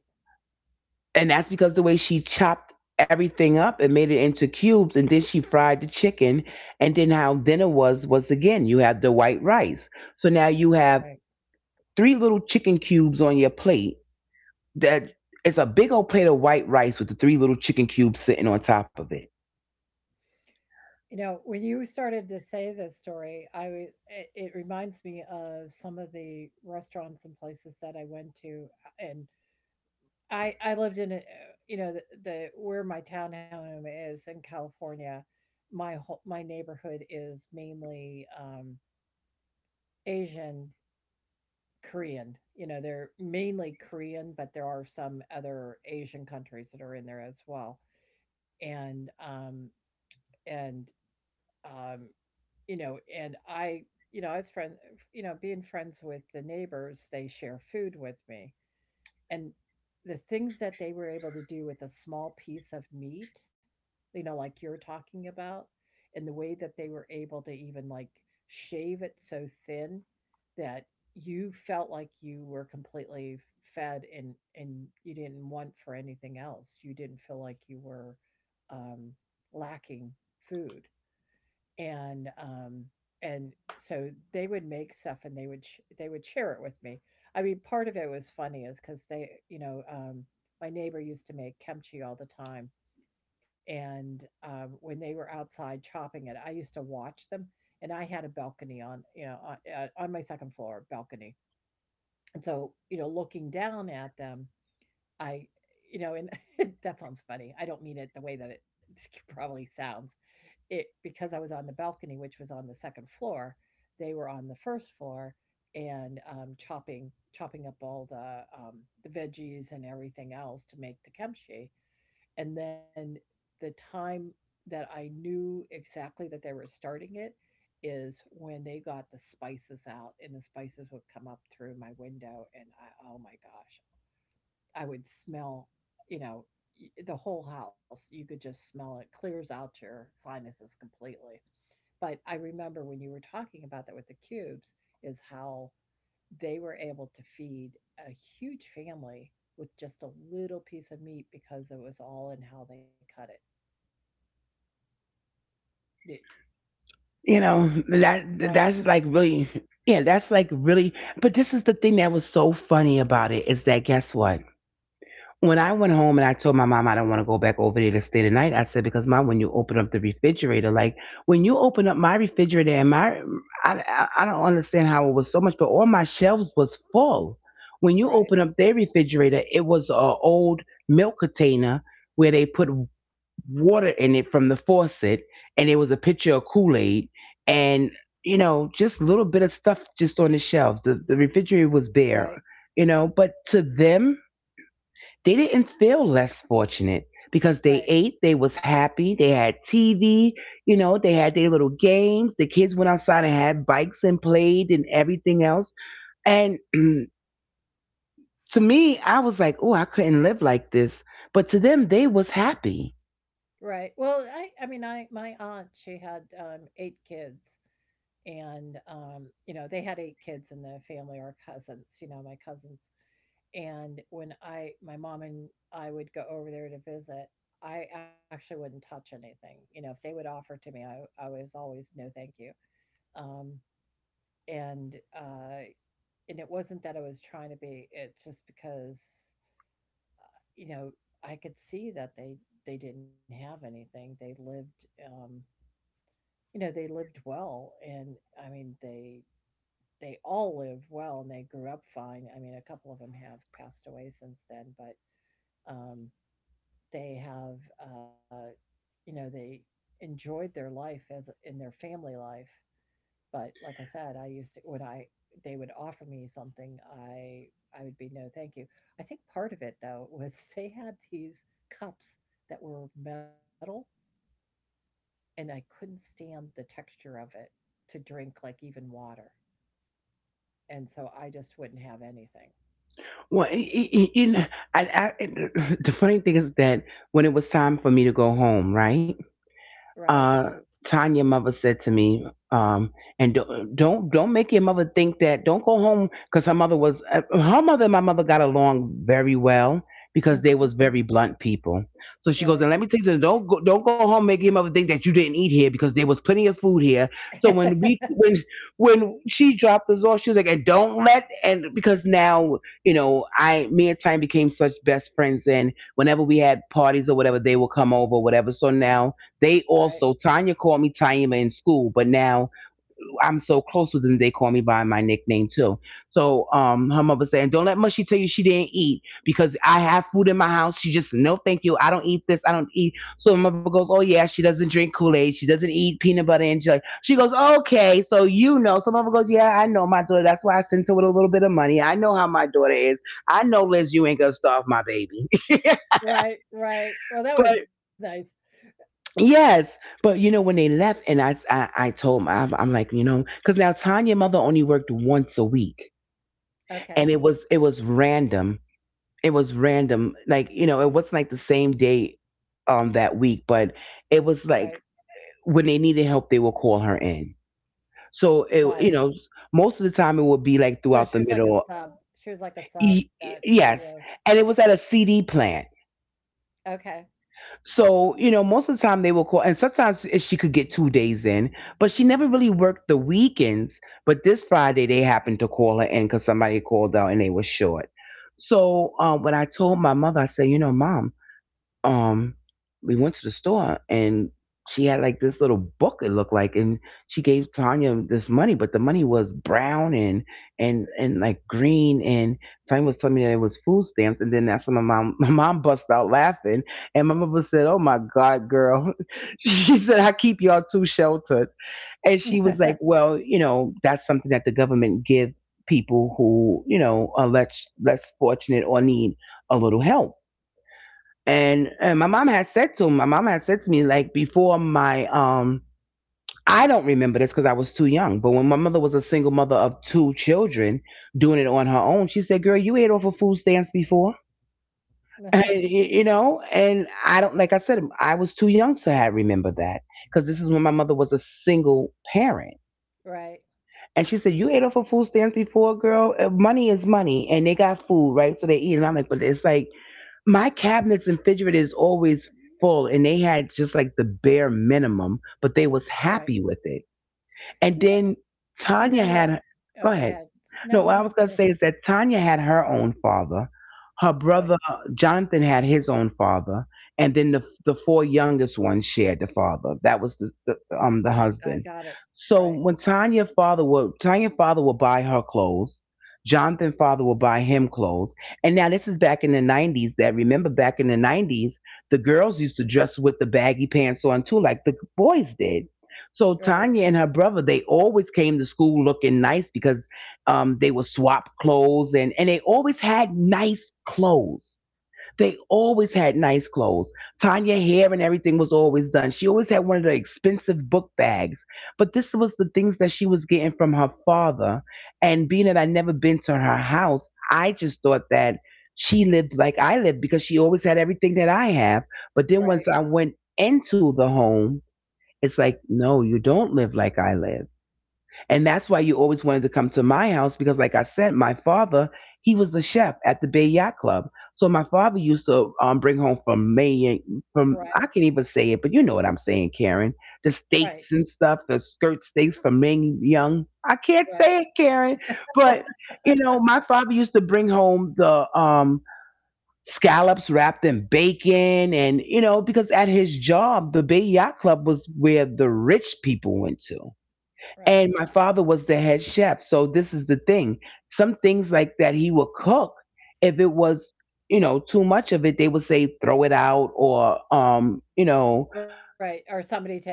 A: and that's because the way she chopped everything up and made it into cubes, and then she fried the chicken. And then how dinner was again, you have the white rice, so now you have
B: right.
A: three little chicken cubes on your plate that, it's a big old plate of white rice with the three little chicken cubes sitting on top of it.
B: You know, when you started to say this story, it, it reminds me of some of the restaurants and places that I went to, and I lived in a, you know the where my townhome is in California, my neighborhood is mainly Asian Korean. You know, they're mainly Korean, but there are some other Asian countries that are in there as well, and um, and Um, you know, and I, you know, you know, being friends with the neighbors, they share food with me. And the things that they were able to do with a small piece of meat, you know, like you're talking about, and the way that they were able to even like shave it so thin that you felt like you were completely fed and you didn't want for anything else. You didn't feel like you were um, lacking food and um and so they would make stuff and they would share it with me. I mean part of it was funny is because they you know my neighbor used to make kimchi all the time and when they were outside chopping it I used to watch them and I had a balcony on you know on my second floor balcony and so you know looking down at them I you know and [laughs] that sounds funny I don't mean it the way that it [laughs] probably sounds. It because I was on the balcony, which was on the second floor, they were on the first floor and chopping up all the veggies and everything else to make the kimchi. And then the time that I knew exactly that they were starting it is when they got the spices out and the spices would come up through my window and I, oh my gosh, I would smell, you know, the whole house. You could just smell it clears out your sinuses completely. But I remember when you were talking about that with the cubes, is how they were able to feed a huge family with just a little piece of meat because it was all in how they cut it. Yeah,
A: You know that
B: right,
A: that's like really, yeah, that's like really, but this is the thing that was so funny about it, is that guess what? When I went
B: what,
A: home and I told my mom I don't want to go back over there to stay the night, I said, because mom, when you open up the refrigerator, like when you open up my refrigerator and my, I don't understand how it was so much, but all my shelves was full. When you open
B: right,
A: up their refrigerator, it was a old milk container where they put water in it from the faucet, and it was a pitcher of Kool Aid, and you know, just a little bit of stuff just on the shelves. The refrigerator was bare,
B: right,
A: you know, but to them, they didn't feel less fortunate because they ate,
B: right,
A: they was happy, they had TV, you know, they had their little games. The kids went outside and had bikes and played and everything else. And [clears throat] to me, I was like, oh, I couldn't live like this. But to them, they was happy.
B: right. Well, I mean, my aunt, she had eight kids, and you know, they had eight kids in the family or cousins. You know, my cousins. And when I my mom and I would go over there to visit, I actually wouldn't touch anything. You know, if they would offer to me, I was always no, thank you. Um, and uh, and it wasn't that I was trying to be. It's just because you know I could see that they didn't have anything. They lived, you know, they lived well, and I mean they all lived well and they grew up fine. I mean, a couple of them have passed away since then, but um, they have, you know, they enjoyed their life as in their family life. But like I said, I used to when I they would offer me something, I I would be no thank you. I think part of it though [laughs] was they had these cups that were metal, and I couldn't stand the texture of it to drink like even water, and so I just wouldn't have anything.
A: Well, you know, the funny thing is that when it was time for me to go home, right?
B: Right.
A: uh, Tanya mother said to me, and don't make your mother think that. Don't go home, because her mother was, her mother and my mother got along very well because they was
B: Hmm.
A: very blunt people. So she goes, and
B: Right.
A: let me tell you something, don't go home make your mother think that you didn't eat here, because there was plenty of food here.
B: [laughs]
A: So when we
B: Right.
A: when she dropped us off, she was like, and don't let, and because now you know, I me and Tanya became such best friends, and whenever we had parties or whatever, they would come over or whatever. So now
B: Right.
A: they also, Tanya called me Taima in school, but now I'm so close with them, they call me by my nickname too. So her mother saying, don't let Mushy tell you she didn't eat because I have food in my house. She just, no, thank you. I don't eat this. I don't eat. So my mother goes, oh, yeah, she doesn't drink Kool-Aid. She doesn't eat peanut butter and jelly. She goes, okay, so you know. So my mother goes, yeah, I know my daughter. That's why I sent her with a little bit of money. I know how my daughter is. I know, Liz, you ain't going to starve my baby. [laughs] But.
B: Right. Right. Well, that was nice.
A: Yes, but you know when they left, and I told my I'm like, you know, because now Tanya mother only worked once a week, and
B: Okay.
A: it was, it was random. It was random, like you know, it wasn't like the same day that week, but it
B: Right.
A: was like when they needed help, they would call her in. So it,
B: Got
A: you
B: it.
A: know, most of the time it would be like
B: So
A: throughout the
B: she was like a
A: middle.
B: sub. She was like a sub
A: Y-
B: that you
A: yes,
B: know
A: and it was at a CD plant.
B: okay.
A: So, you know, most of the time they will call, and sometimes she could get 2 days in, but she never really worked the weekends. But this Friday, they happened to call her in because somebody called out and they were short. So, when I told my mother, I said, you know, mom, um we went to the store, and she had like this little book it looked like, and she gave Tanya this money, but the money was brown and and like green. And Tanya was telling me that it was food stamps, and then that's when my mom [laughs] my mom bust out laughing, and my mother said, oh my god girl, [laughs] she said, I keep y'all too sheltered. And she was like,
B: [laughs]
A: well, you know, that's something that the government give people who, you know, are less fortunate or need a little help. And my mom had said to, my mom had said to me like, before my I don't remember this because I was too young, but when my mother was a single mother of two children doing it on her own, she said, "Girl, you ate off of food stamps before." [laughs] And, you know, and I don't, like I said, I was too young to have remembered that, because this is when my mother was a single parent.
B: Right,
A: And she said, "You ate off of food stamps before, girl. Money is money, and they got food, right? So they eat." And I'm like, "But it's like my cabinets and refrigerator is always full, and they had just like the bare minimum, but they was
B: right.
A: happy with it.
B: Do you
A: And
B: know
A: then
B: do you know
A: Tanya
B: that
A: had,
B: oh,
A: go
B: go
A: ahead,
B: ahead. S No,
A: no,
B: no,
A: what I
B: no,
A: was going to
B: finish.
A: say is that Tanya had her own father. Her
B: Right.
A: brother Jonathan had his own father, and then the four youngest ones shared the father. That was the the
B: I got
A: husband.
B: it. Right,
A: So when Tanya's father would buy her clothes, Jonathan's father would buy him clothes, and now this is back in the nineties. That, remember back in the nineties, the girls used to dress with the baggy pants on too, like the boys did. So
B: right,
A: Tanya and her brother, they always came to school looking nice because they would swap clothes and they always had nice clothes. Tanya hair and everything was always done. She always had one of the expensive book bags, but this was the things that she was getting from her father. And being that I never been to her house, I just thought that she lived like I lived because she always had everything that I have. But then
B: right,
A: once I went into the home, it's like, no, you don't live like I live. And that's why you always wanted to come to my house because, like I said, my father, he was the chef at the Bay Yacht Club. So my father used to bring home from Maine, from, I
B: right,
A: can't even say it, but you know what I'm saying, Karen, the steaks and stuff, the skirt steaks from Ming Young. I can't
B: right,
A: say it, Karen,
B: right.
A: but,
B: [laughs]
A: my father used to bring home the scallops wrapped in bacon. And, you know, because at his job, the Bay Yacht Club was where the rich people went to.
B: Right,
A: And my father was the head chef. So this is the thing. Some things like that he would cook. If it was, you know, too much of it, they would say throw it out or you know,
B: right, or somebody take it.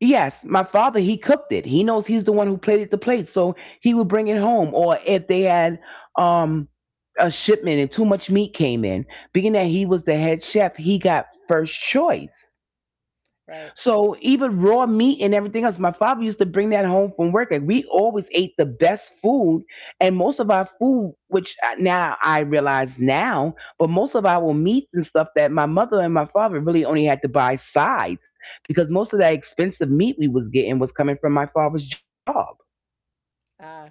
A: yes, my father he cooked it. He knows he's the one who plated the plate, so he would bring it home, or if they had um a shipment and too much meat came in, being that he was the head chef, he got first choice.
B: Right.
A: So even raw meat and everything else, my father used to bring that home from work. Like we always ate the best food, and most of our food, which now I realize now, but most of our meats and stuff that my mother and my father really only had to buy sides because most of that expensive meat we was getting was coming from my father's job.
B: Uh,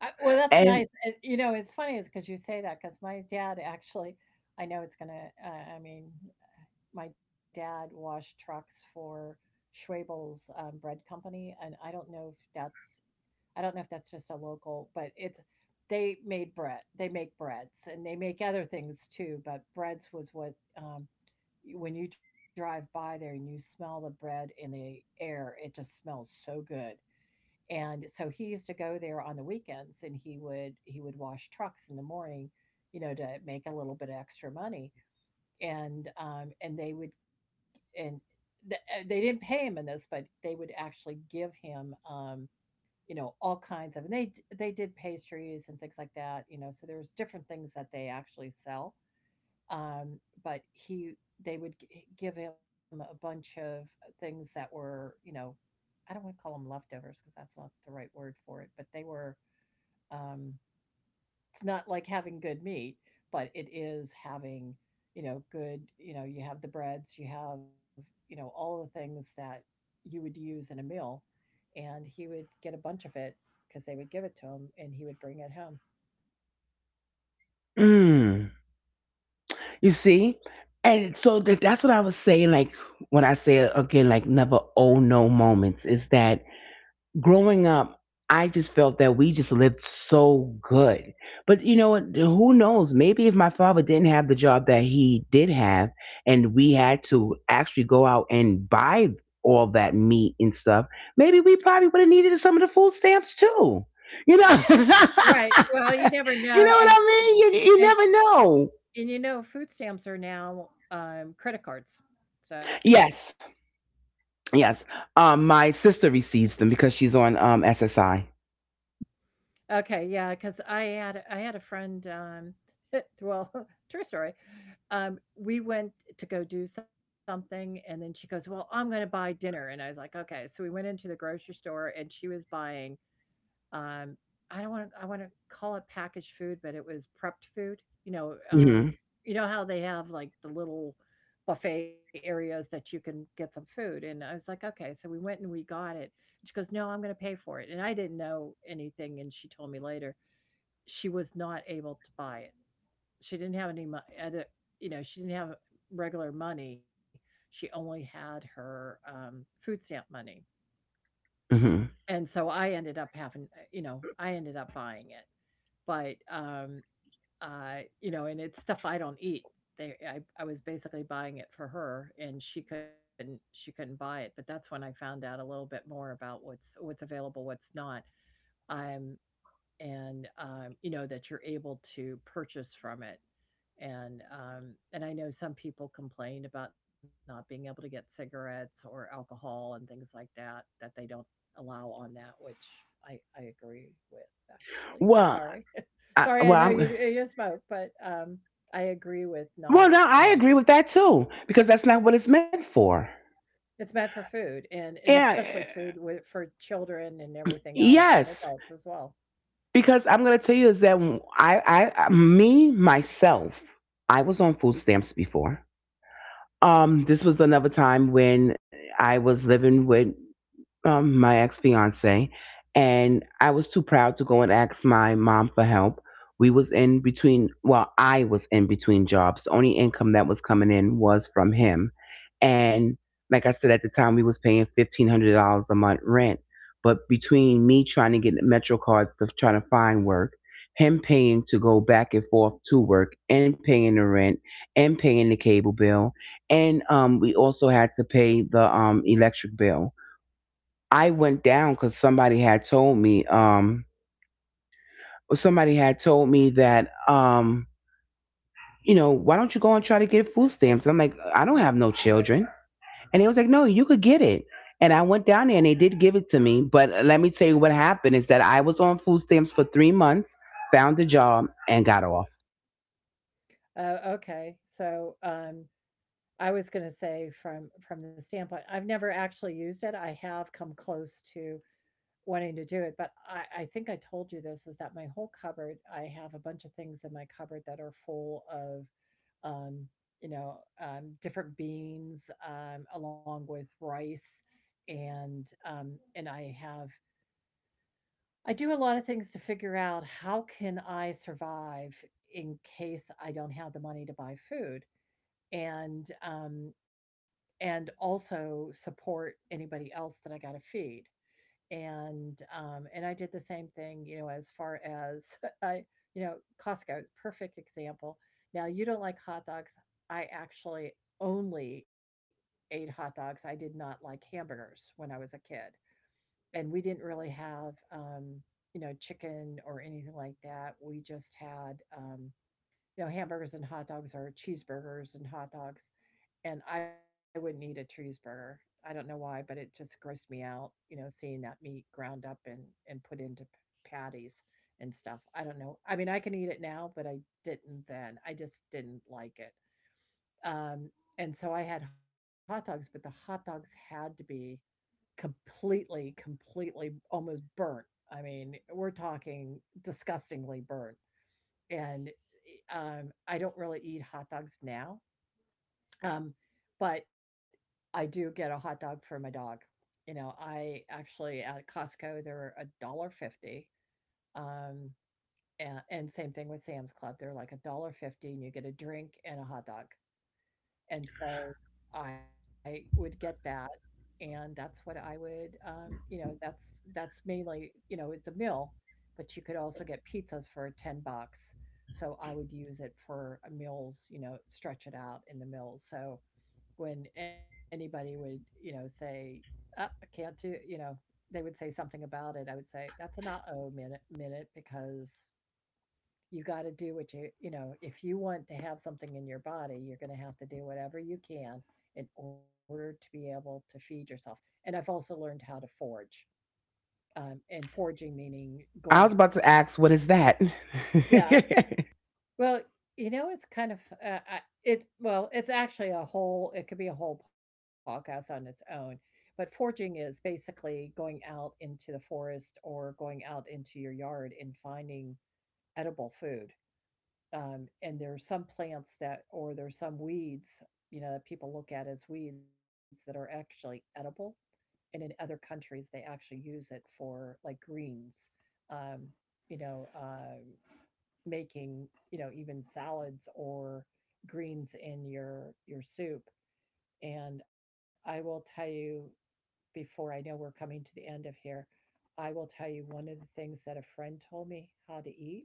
B: I well,
A: And
B: that's nice, and, you know, it's funny is because you say that, because my dad actually I know it's gonna I mean my dad washed trucks for Schwabel's bread company, and I don't know if that's just a local, but it's they made bread. They make breads, and they make other things too. But breads was what when you drive by there and you smell the bread in the air, it just smells so good. And so he used to go there on the weekends, and he would wash trucks in the morning, you know, to make a little bit of extra money and they would and th- they didn't pay him in this, but they would actually give him you know all kinds of and they did pastries and things like that, you know. So there was different things that they actually sell, but he they would give him a bunch of things that were you know I don't want to call them leftovers because that's not the right word for it, but they were. Um, it's not like having good meat, but it is having, you know, good, you know, you have the breads, you have, you know, all the things that you would use in a meal. And he would get a bunch of it because they would give it to him and he would bring it home.
A: mm, you see, and so that's what I was saying. Like when I say again, like never oh no moments is that growing up, I just felt that we just lived so good. But you know what? Who knows? Maybe if my father didn't have the job that he did have, and we had to actually go out and buy all that meat and stuff, maybe we probably would have needed some of the food stamps too. You know, [laughs] you know
B: Right.
A: what
B: Well, you never know.
A: I mean? You
B: And
A: never know.
B: and you know, food stamps are now credit cards.
A: Yes, yes. My sister receives them because she's on SSI.
B: Okay, yeah, because I had a friend, [laughs] well, [laughs] true story. We went to go do something, and then she goes, "Well, I'm gonna buy dinner," and I was like, "Okay." So we went into the grocery store, and she was buying, um, I don't wanna I wanna call it packaged food, but it was prepped food.
A: Hmm.
B: You know how they have, like, the little buffet areas that you can get some food, and I was like, "Okay." So we went and we got it, and she goes, "No, I'm gonna pay for it," and I didn't know anything, and she told me later she was not able to buy it. She didn't have any money, you know, she didn't have regular money. She only had her food stamp money.
A: Hmm.
B: And so I ended up having, you know, I ended up buying it. But, you know, and it's stuff I don't eat. I was basically buying it for her and she couldn't buy it, but that's when I found out a little bit more about what's available what's not um and, you know, that you're able to purchase from it. And I know some people complain about not being able to get cigarettes or alcohol and things like that that they don't allow on that, which I agree with actually.
A: Well,
B: Sorry, [laughs]
A: I,
B: sorry, I
A: well,
B: know you
A: I'm
B: you smoke, but I agree with not
A: well, now
B: you
A: I
B: know
A: agree with that too because that's not what it's meant for.
B: it's meant for food and especially
A: Yeah,
B: food
A: eh,
B: with for children and everything else and
A: yes,
B: adults as well.
A: because I'm gonna tell you is that me myself, I was on food stamps before. This was another time when I was living with my ex fiance, and I was too proud to go and ask my mom for help. We was in between. Well, I was in between jobs. The only income that was coming in was from him, and like I said at the time, we was paying $1,500 a month rent. But between me trying to get Metro cards to try to find work, him paying to go back and forth to work, and paying the rent, and paying the cable bill, and we also had to pay the electric bill. I went down because somebody had told me, Somebody had told me that, you know, why don't you go and try to get food
B: It,
A: stamps? And I'm like, I don't
B: that
A: have no
B: right.
A: children. And they was like, no, you could get it. And I went down there and they did give it to me. But let me tell you what happened is that I was on food stamps for 3 months, found a job, and got off.
B: Oh, okay. So, I was gonna say from the standpoint, I've never actually used it. I have come close to wanting to do it, but I think I told you this is that my whole cupboard, I have a bunch of things in my cupboard that are full of, um, you know, different beans, along with rice, and I have I do a lot of things to figure out how can I survive in case I don't have the money to buy food and um, and also support anybody else that I got to feed. And I did the same thing, you know, as far as [laughs] I, you know, Costco, perfect example. Now you don't like hot dogs. I actually only ate hot dogs. I did not like hamburgers when I was a kid, and we didn't really have, you know, chicken or anything like that. We just had. You know, hamburgers and hot dogs or cheeseburgers and hot dogs, and I would need a cheeseburger. I don't know why, but it just grossed me out, you know, seeing that meat ground up and put into patties and stuff. I don't know. I mean, I can eat it now, but I didn't then. I just didn't like it. Um, and so I had hot dogs, but the hot dogs had to be completely, completely almost burnt. I mean, we're talking disgustingly burnt. And I don't really eat hot dogs now, um, but I do get a hot dog for my dog. You know, I actually at Costco they're a dollar fifty. Um, and same thing with Sam's Club, they're like a dollar fifty, and you get a drink and a hot dog. And so I would get that, and that's what I would, you know, that's mainly, you know, it's a meal, but you could also get pizzas for 10 bucks. So I would use it for a meals, you know, stretch it out in the meals. So when anybody would, you know, say, oh, I can't do, you know, they would say something about it. I would say, that's an uh oh minute, minute because you got to do what you know, if you want to have something in your body, you're going to have to do whatever you can in order to be able to feed yourself. And I've also learned how to forge. And forging meaning
A: I
B: going,
A: was about to ask, what is that?
B: yeah. Well, you know, it's kind of I- it. Well, it's actually a whole. It could be a whole podcast on its own. But foraging is basically going out into the forest or going out into your yard and finding edible food. And there are some plants that, or there's some weeds, you know, that people look at as weeds that are actually edible. And in other countries, they actually use it for like greens. Um, you know, uh, Making, you know, even salads or greens in your soup. And I will tell you, before, I know we're coming to the end of here, I will tell you one of the things that a friend told me how to eat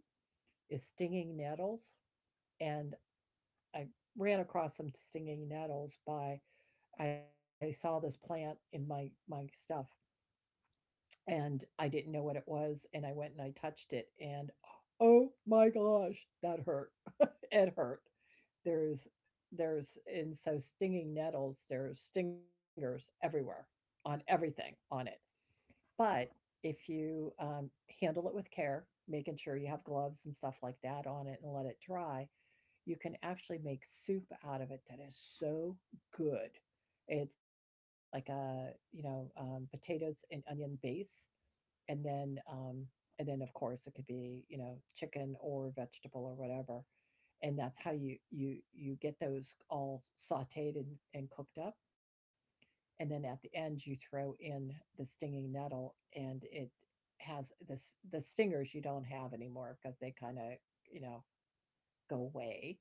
B: is stinging nettles. And I ran across some stinging nettles by, I saw this plant in my stuff and I didn't know what it was and I went and I touched it and oh my gosh that hurt. [laughs] It hurt. There's there's and so stinging nettles, there's stingers everywhere on everything on it. But if you handle it with care, making sure you have gloves and stuff like that on it and let it dry, you can actually make soup out of it that is so good. It's like a, you know, potatoes and onion base, and then um, and then of course it could be, you know, chicken or vegetable or whatever, and that's how you you get those all sauteed and cooked up, and then at the end you throw in the stinging nettle and it has this, the stingers you don't have anymore because they kind of, you know, go away,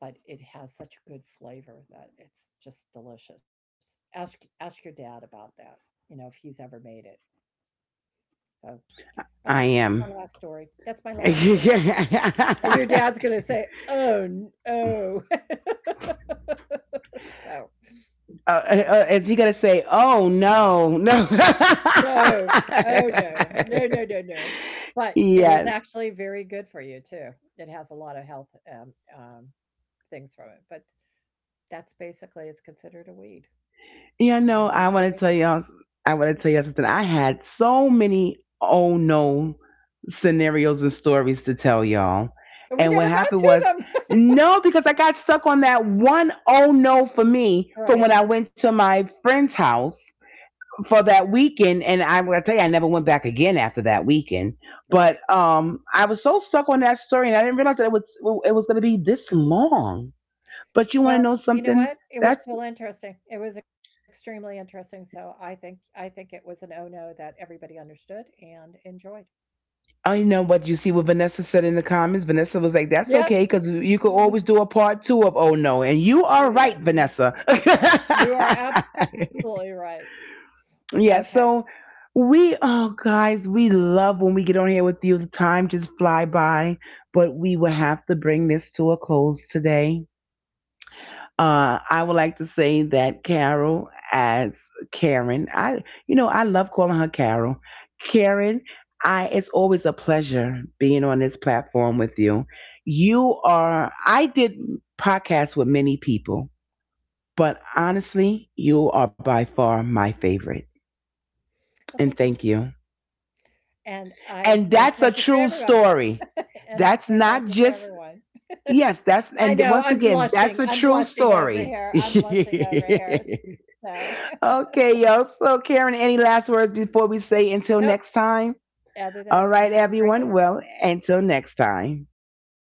B: but it has such a good flavor that it's just delicious. Ask your dad about that, you know, if he's ever made it. So
A: [laughs]
B: okay,
A: I
B: that's my
A: am.
B: last story. That's my last story. And your dad's
A: [laughs]
B: gonna say, "Oh, oh," [laughs] so,
A: Is he gonna say, "Oh no, no"? [laughs]
B: no. Oh, no. No, no, no, no. But it is
A: Yes,
B: actually very good for you too. It has a lot of health, things from it, but that's basically, it's considered a weed, and you
A: you
B: can
A: know,
B: make
A: I
B: it.
A: want to tell y'all. I want to tell y'all something. I had so many "oh no" scenarios and stories to tell y'all,
B: And we
A: and what
B: never got
A: happened
B: to
A: was,
B: them. [laughs]
A: no, because I got stuck on that one "oh no" for me from
B: Right,
A: when I went to my friend's house for that weekend, and I'm gonna tell you, I never went back again after that weekend. But
B: right.
A: I was so stuck on that story, and I didn't realize that it was gonna be this long. But you want to
B: Well,
A: know
B: you know
A: something?
B: what? It was
A: That's
B: still interesting. It was extremely interesting, so I think it was an "Oh, no" that everybody understood and enjoyed.
A: I know what you see what Vanessa said in the comments. Vanessa was like, "That's
B: Yeah.
A: okay, because you could
B: [laughs]
A: always do a part two of Oh No," and you are
B: Yeah.
A: right, Vanessa.
B: You are absolutely right.
A: [laughs]
B: Okay.
A: Yeah. So we, oh guys, we love when we get on here with you. The time just fly by, but we will have to bring this to a close today. I would like to say that Carol as Karen, I love calling her Carol. Karen, I. It's always a pleasure being on this platform with you. You are. I did podcasts with many people, but honestly, you are by far my favorite.
B: Well, thank you t,
A: And thank you.
B: and I
A: And
B: say
A: that's a
B: thank you for
A: true
B: everyone.
A: story.
B: [laughs] And I
A: That's
B: say thank
A: not
B: you for
A: just
B: everyone.
A: yes. That's
B: I
A: and
B: know,
A: once
B: I'm
A: again, that's
B: blushing.
A: a
B: I'm
A: true
B: blushing over
A: story.
B: here. I'm blushing over here,
A: [laughs]
B: so. [laughs]
A: Okay, y'all. So, Karen, any last words before we say until
B: Nope.
A: next time?
B: Other
A: All
B: than
A: right,
B: have a great
A: everyone.
B: day.
A: Well, until next time.
B: Mm.